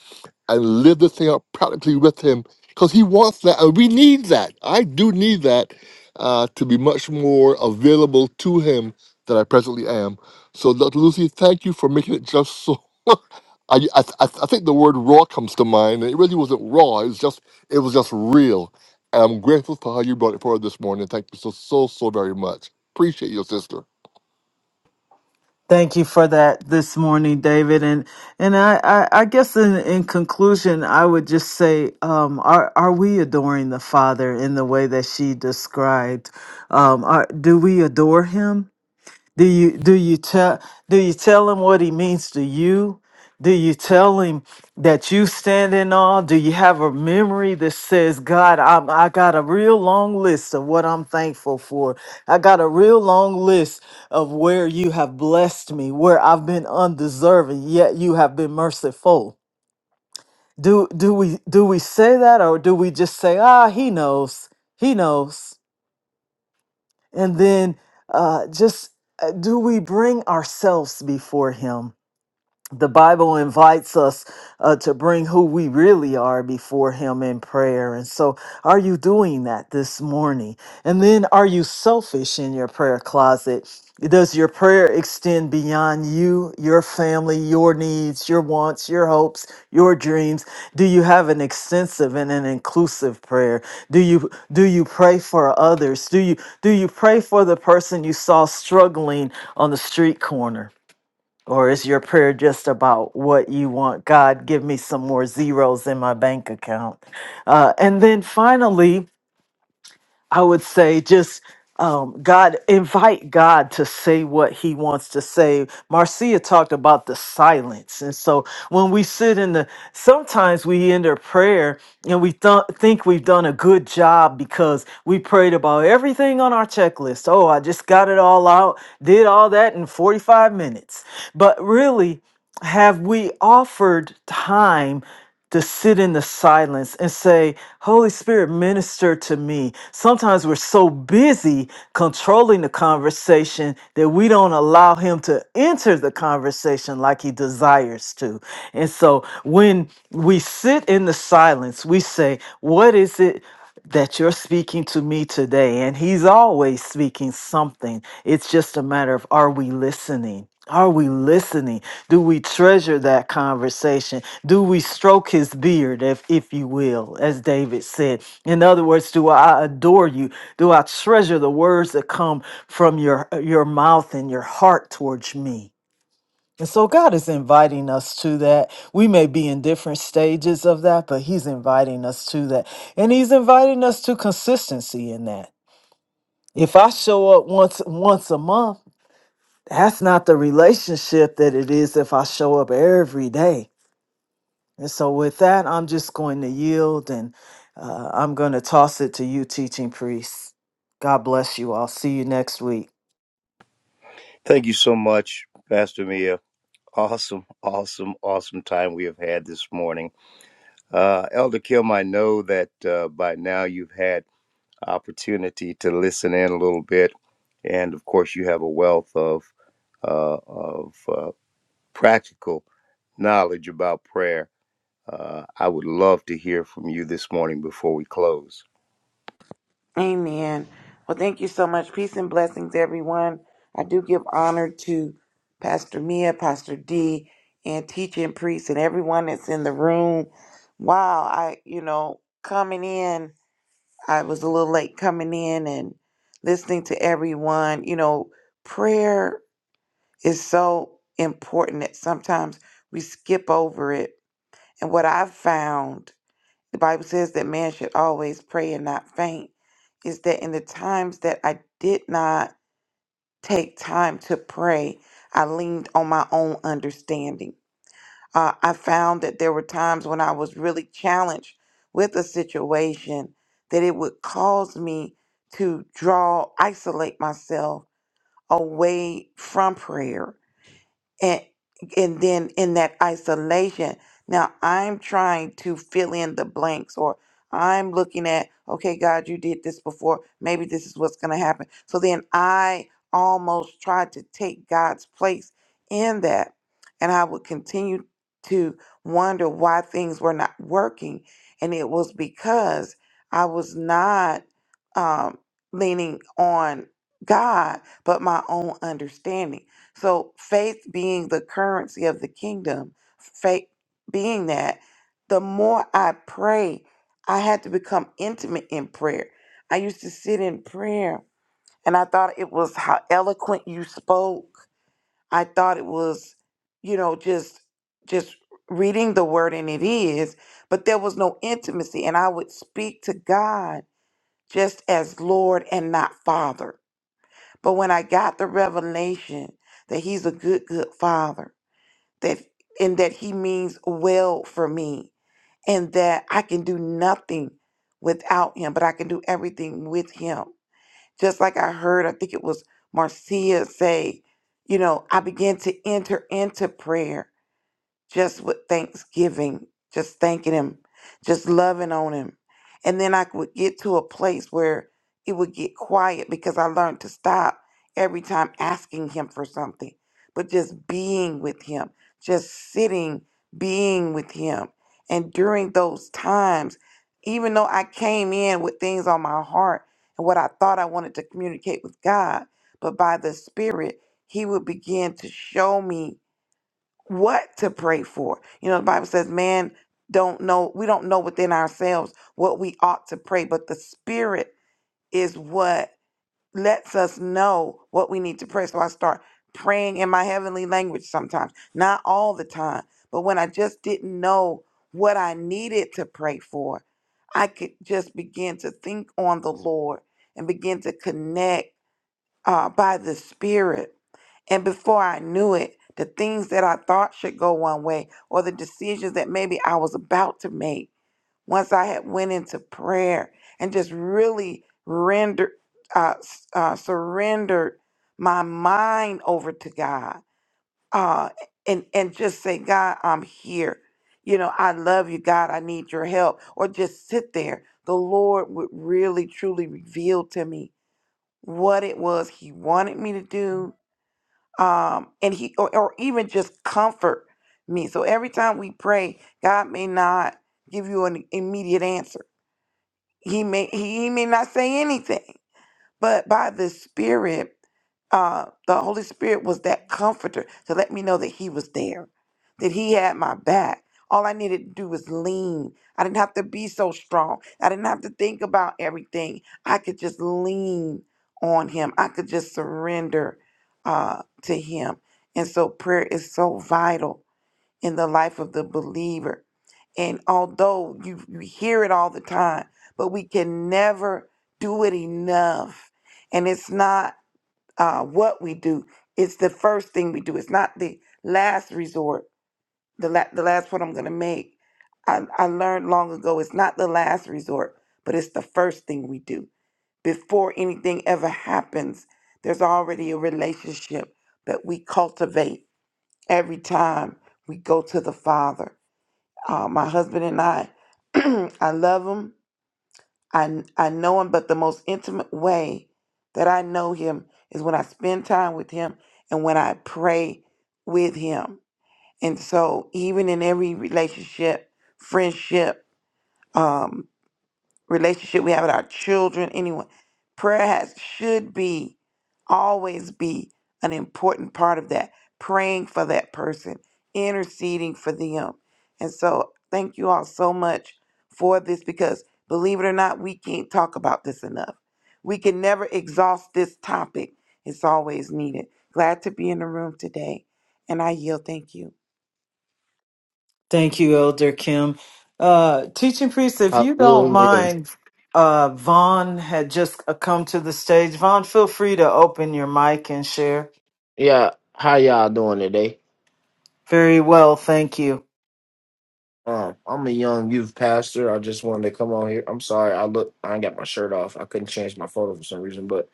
[SPEAKER 1] and live this thing out practically with Him because He wants that. And we need that. I do need that uh, to be much more available to Him than I presently am. So, Dr. Lucy, thank you for making it just so. I, I, I I think the word raw comes to mind, and it really wasn't raw. It was just, it was just real I'm grateful for how you brought it forward this morning. Thank you so, so, so very much. Appreciate you, sister.
[SPEAKER 3] thank you for that this morning david and and i i, I guess in in conclusion i would just say um are are we adoring the father in the way that she described um are, do we adore him Do you do you tell do you tell him what he means to you? Do you tell him that you stand in awe? Do you have a memory that says, God, I'm, I got a real long list of what I'm thankful for. I got a real long list of where you have blessed me, where I've been undeserving, yet you have been merciful. Do do we do we say that or do we just say, ah, he knows. He knows. And then uh, just uh, do we bring ourselves before Him? the Bible invites us uh, to bring who we really are before Him in prayer. And so, are you doing that this morning? And then, are you selfish in your prayer closet? Does your prayer extend beyond you, your family, your needs, your wants, your hopes, your dreams? Do you have an extensive and an inclusive prayer? Do you do you pray for others? Do you do you pray for the person you saw struggling on the street corner? Or is your prayer just about what you want? God, give me some more zeros in my bank account. Uh, and then finally, I would say just um, God, invite God to say what He wants to say. Marcia talked about the silence. And so when we sit in the, sometimes we end our prayer and we th- think we've done a good job because we prayed about everything on our checklist. Oh, I just got it all out, did all that in 45 minutes. But really, have we offered time to sit in the silence and say, Holy Spirit, minister to me? Sometimes we're so busy controlling the conversation that we don't allow Him to enter the conversation like He desires to. And so when we sit in the silence, we say, What is it? that you're speaking to me today. And He's always speaking something. It's just a matter of are we listening? Are we listening? Do we treasure that conversation? Do we stroke his beard, if, if you will, as David said? In other words, do I adore you? Do I treasure the words that come from your, your mouth and your heart towards me? And so God is inviting us to that. We may be in different stages of that, but He's inviting us to that. And He's inviting us to consistency in that. If I show up once once a month, that's not the relationship that it is if I show up every day. And so with that, I'm just going to yield and uh, I'm going to toss it to you, teaching priests. God bless you. I'll see you next week.
[SPEAKER 2] Thank you so much, Pastor Mia. Awesome, awesome, awesome time we have had this morning. Uh, Elder Kim, I know that uh, by now you've had opportunity to listen in a little bit, and of course, you have a wealth of uh, of uh, practical knowledge about prayer. Uh, I would love to hear from you this morning before we close.
[SPEAKER 6] Amen. Well, thank you so much. Peace and blessings, everyone. I do give honor to Pastor Mia, Pastor D, and teaching priests and everyone that's in the room. Wow, I, you know, coming in, I was a little late coming in and listening to everyone. You know, prayer is so important that sometimes we skip over it. And what I've found the Bible says that man should always pray and not faint. Is that in the times that I did not take time to pray, I leaned on my own understanding. Uh, I found that there were times when I was really challenged with a situation that it would cause me to draw, isolate myself away from prayer and and then in that isolation now i'm trying to fill in the blanks or i'm looking at okay god you did this before maybe this is what's going to happen so then i almost tried to take god's place in that and i would continue to wonder why things were not working and it was because i was not um, leaning on god but my own understanding so faith being the currency of the kingdom, faith being that, the more I pray, I had to become intimate in prayer. I used to sit in prayer and I thought it was how eloquent you spoke. I thought it was, you know, just just reading the word and it is, but there was no intimacy and I would speak to God just as Lord and not Father. But when I got the revelation that he's a good, good father, that and that he means well for me, and that I can do nothing without him, but I can do everything with him. Just like I heard, I think it was Marcia say, you know, I began to enter into prayer just with thanksgiving, just thanking him, just loving on him. And then I would get to a place where it would get quiet because I learned to stop every time asking him for something, but just being with him, just sitting, being with him. And during those times, even though I came in with things on my heart and what I thought I wanted to communicate with God, but by the Spirit, he would begin to show me what to pray for. You know, the Bible says, man, don't know, we don't know within ourselves what we ought to pray, but the Spirit is what lets us know what we need to pray. So I start praying in my heavenly language sometimes, not all the time, but when I just didn't know what I needed to pray for, I could just begin to think on the Lord and begin to connect uh, by the Spirit and before I knew it, the things that I thought should go one way or the decisions that maybe I was about to make once I had went into prayer and just really rendered uh, s- uh, surrendered my mind over to God uh, and and just say, God, I'm here. You know, I love you, God. I need your help. Or just sit there. The Lord would really, truly reveal to me what it was He wanted me to do um, and he or, or even just comfort me. So every time we pray, God may not give you an immediate answer. He may he may not say anything, but by the Spirit, uh, the Holy Spirit was that comforter to let me know that He was there, that He had my back. All I needed to do was lean. I didn't have to be so strong. I didn't have to think about everything. I could just lean on Him. I could just surrender uh, to Him. And so prayer is so vital in the life of the believer. And although you, you hear it all the time, but we can never do it enough. And it's not uh, what we do, it's the first thing we do. It's not the last resort. The, la- the last point I'm going to make, I, I learned long ago, it's not the last resort, but it's the first thing we do. Before anything ever happens, there's already a relationship that we cultivate every time we go to the Father uh, my husband and I, I love him. I, I know him, but the most intimate way that I know him is when I spend time with him and when I pray with him. And so, even in every relationship, friendship, um, relationship we have with our children, anyone. Prayer has should be always be an important part of that. Praying for that person, interceding for them. And so thank you all so much for this because believe it or not, we can't talk about this enough. We can never exhaust this topic. It's always needed. Glad to be in the room today. And I yield. Thank you.
[SPEAKER 3] Thank you, Elder Kim. Uh, teaching priest, if you don't
[SPEAKER 7] Hallelujah.
[SPEAKER 3] mind, uh, Vaughn had just uh, come to the stage. Vaughn, feel free to open your mic and share.
[SPEAKER 7] Yeah, how y'all doing today?
[SPEAKER 3] Very well, thank you.
[SPEAKER 7] Um, I'm a young youth pastor. I just wanted to come on here. I'm sorry, I look I ain't got my shirt off. I couldn't change my photo for some reason, but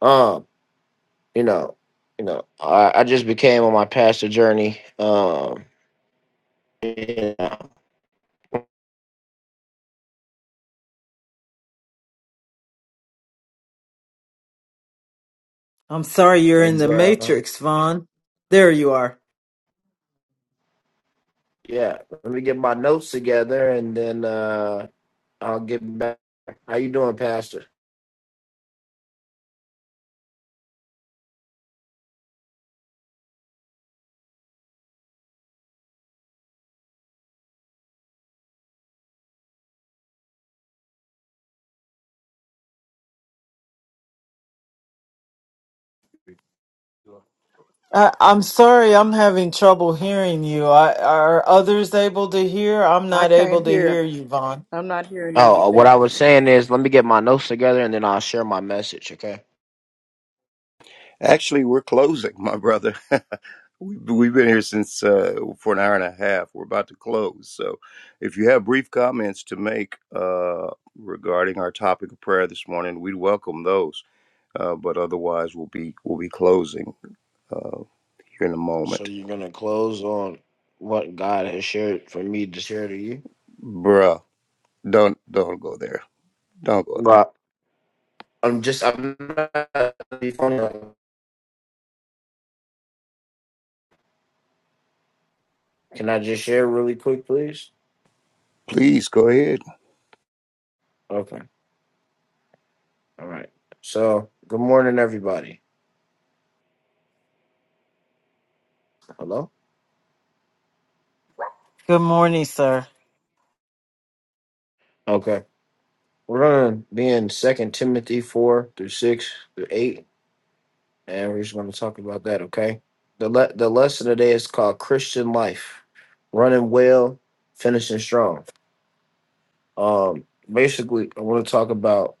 [SPEAKER 7] um, you know, you know, I, I just became on my pastor journey. Um yeah,
[SPEAKER 3] I'm sorry you're in
[SPEAKER 7] and
[SPEAKER 3] the
[SPEAKER 7] uh,
[SPEAKER 3] matrix, Vaughn. There you are.
[SPEAKER 7] yeah, let me get my notes together and then uh I'll get back. How you doing, Pastor?
[SPEAKER 3] I, I'm sorry I'm having trouble hearing you. I, are others able to hear? I'm
[SPEAKER 4] I
[SPEAKER 3] not able
[SPEAKER 4] can't
[SPEAKER 3] to hear
[SPEAKER 4] hear.
[SPEAKER 3] you, Vaughn.
[SPEAKER 4] I'm not hearing
[SPEAKER 7] Oh, uh,
[SPEAKER 4] anything.
[SPEAKER 7] what I was saying is let me get my notes together and then I'll share my message, okay?
[SPEAKER 2] Actually, we're closing, my brother. We- We've been here since uh, for an hour and a half. We're about to close. So, if you have brief comments to make uh, regarding our topic of prayer this morning, we'd welcome those. Uh, but otherwise, we'll be we'll be closing uh, here in a
[SPEAKER 7] So
[SPEAKER 2] moment.
[SPEAKER 7] you're gonna close on what God has shared for me to share to you.
[SPEAKER 2] Bruh, don't don't go there. Don't go there.
[SPEAKER 7] But I'm just I'm not be funny. like, Can I just share really quick, please?
[SPEAKER 2] Please go ahead.
[SPEAKER 7] Okay. All right. So good morning, everybody. Hello.
[SPEAKER 3] Good morning, sir.
[SPEAKER 7] Okay. We're gonna be in Second Timothy four through six through eight, and we're just gonna talk about that. Okay. The le- the lesson today is called Christian life, running well, finishing strong. Um, basically, I want to talk about.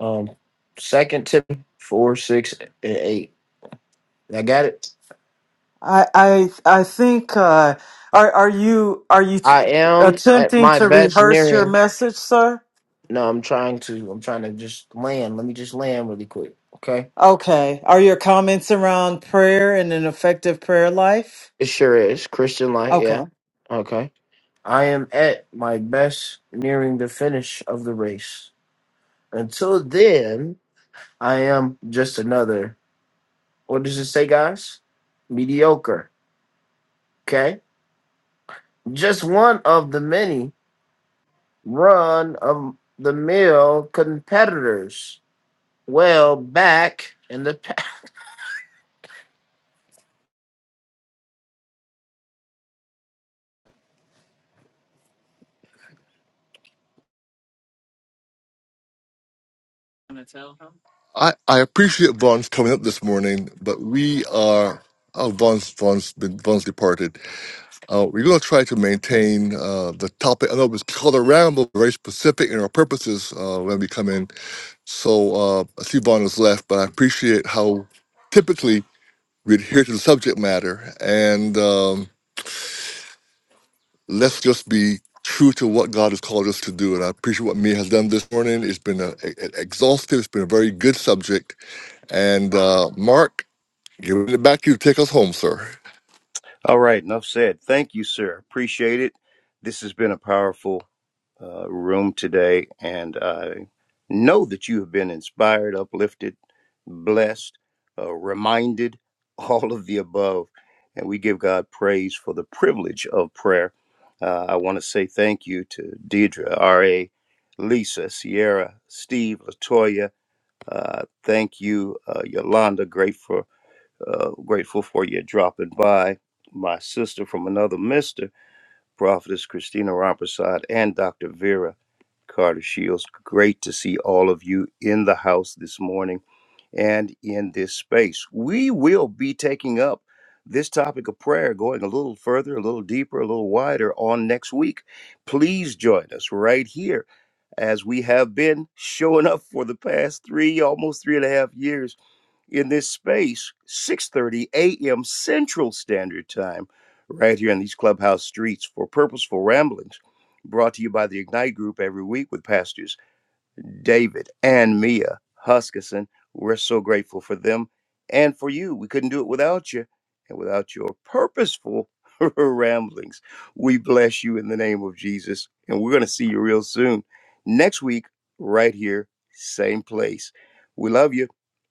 [SPEAKER 7] Um, Second Timothy four, six, and eight. I got it.
[SPEAKER 3] I I I think uh, are are you are you t-
[SPEAKER 7] I am at
[SPEAKER 3] attempting
[SPEAKER 7] my
[SPEAKER 3] to
[SPEAKER 7] best
[SPEAKER 3] rehearse your
[SPEAKER 7] nearing.
[SPEAKER 3] message, sir?
[SPEAKER 7] No, I'm trying to. I'm trying to just land. Let me just land really quick. Okay.
[SPEAKER 3] Okay. Are your comments around prayer and an effective prayer life?
[SPEAKER 7] It sure is Christian life.
[SPEAKER 3] Okay.
[SPEAKER 7] Yeah. Okay. I am at my best nearing the finish of the race. Until then, I am just another. What does it say, guys? Mediocre. Okay. Just one of the many run of the mill competitors well back in the
[SPEAKER 1] I, I appreciate Vaughn's coming up this morning, but we are, oh, Vaughn's, Vaughn's, been, Vaughn's departed. Uh, we're going to try to maintain uh, the topic. I know it's called around, but very specific in our purposes uh, when we come in. So uh, I see Vaughn has left, but I appreciate how typically we adhere to the subject matter. And um, let's just be true to what God has called us to do. And I appreciate what Mia has done this morning. It's been a, a- exhaustive, it's been a very good subject. And uh, Mark, giving it back to you to take us home, sir.
[SPEAKER 2] All right, enough said. Thank you, sir. Appreciate it. This has been a powerful uh, room today. And I know that you have been inspired, uplifted, blessed, uh, reminded, all of the above. And we give God praise for the privilege of prayer. Uh, I want to say thank you to Deidre, R.A., Lisa, Sierra, Steve, Latoya. Uh, thank you, uh, Yolanda. Grateful, uh, grateful for you dropping by. My sister from another mister. Prophetess Christina Ramprasad, and Dr. Vera Carter Shields. Great to see all of you in the house this morning and in this space. We will be taking up this topic of prayer, going a little further, a little deeper, a little wider on next week. Please join us right here as we have been showing up for the past three, almost three and a half years in this space 6:30 a.m. Central Standard Time right here in these clubhouse streets for purposeful ramblings brought to you by the Ignite group every week with pastors David, and Mia Huskisson. We're so grateful for them and for you. We couldn't do it without you and without your purposeful ramblings. We bless you in the name of Jesus, and we're going to see you real soon. Next week, right here, same place. We love you.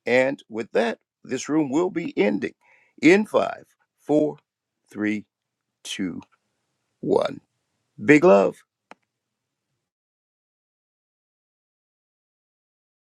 [SPEAKER 2] And with that, this room will be ending in five, four, three, two, one. Big love.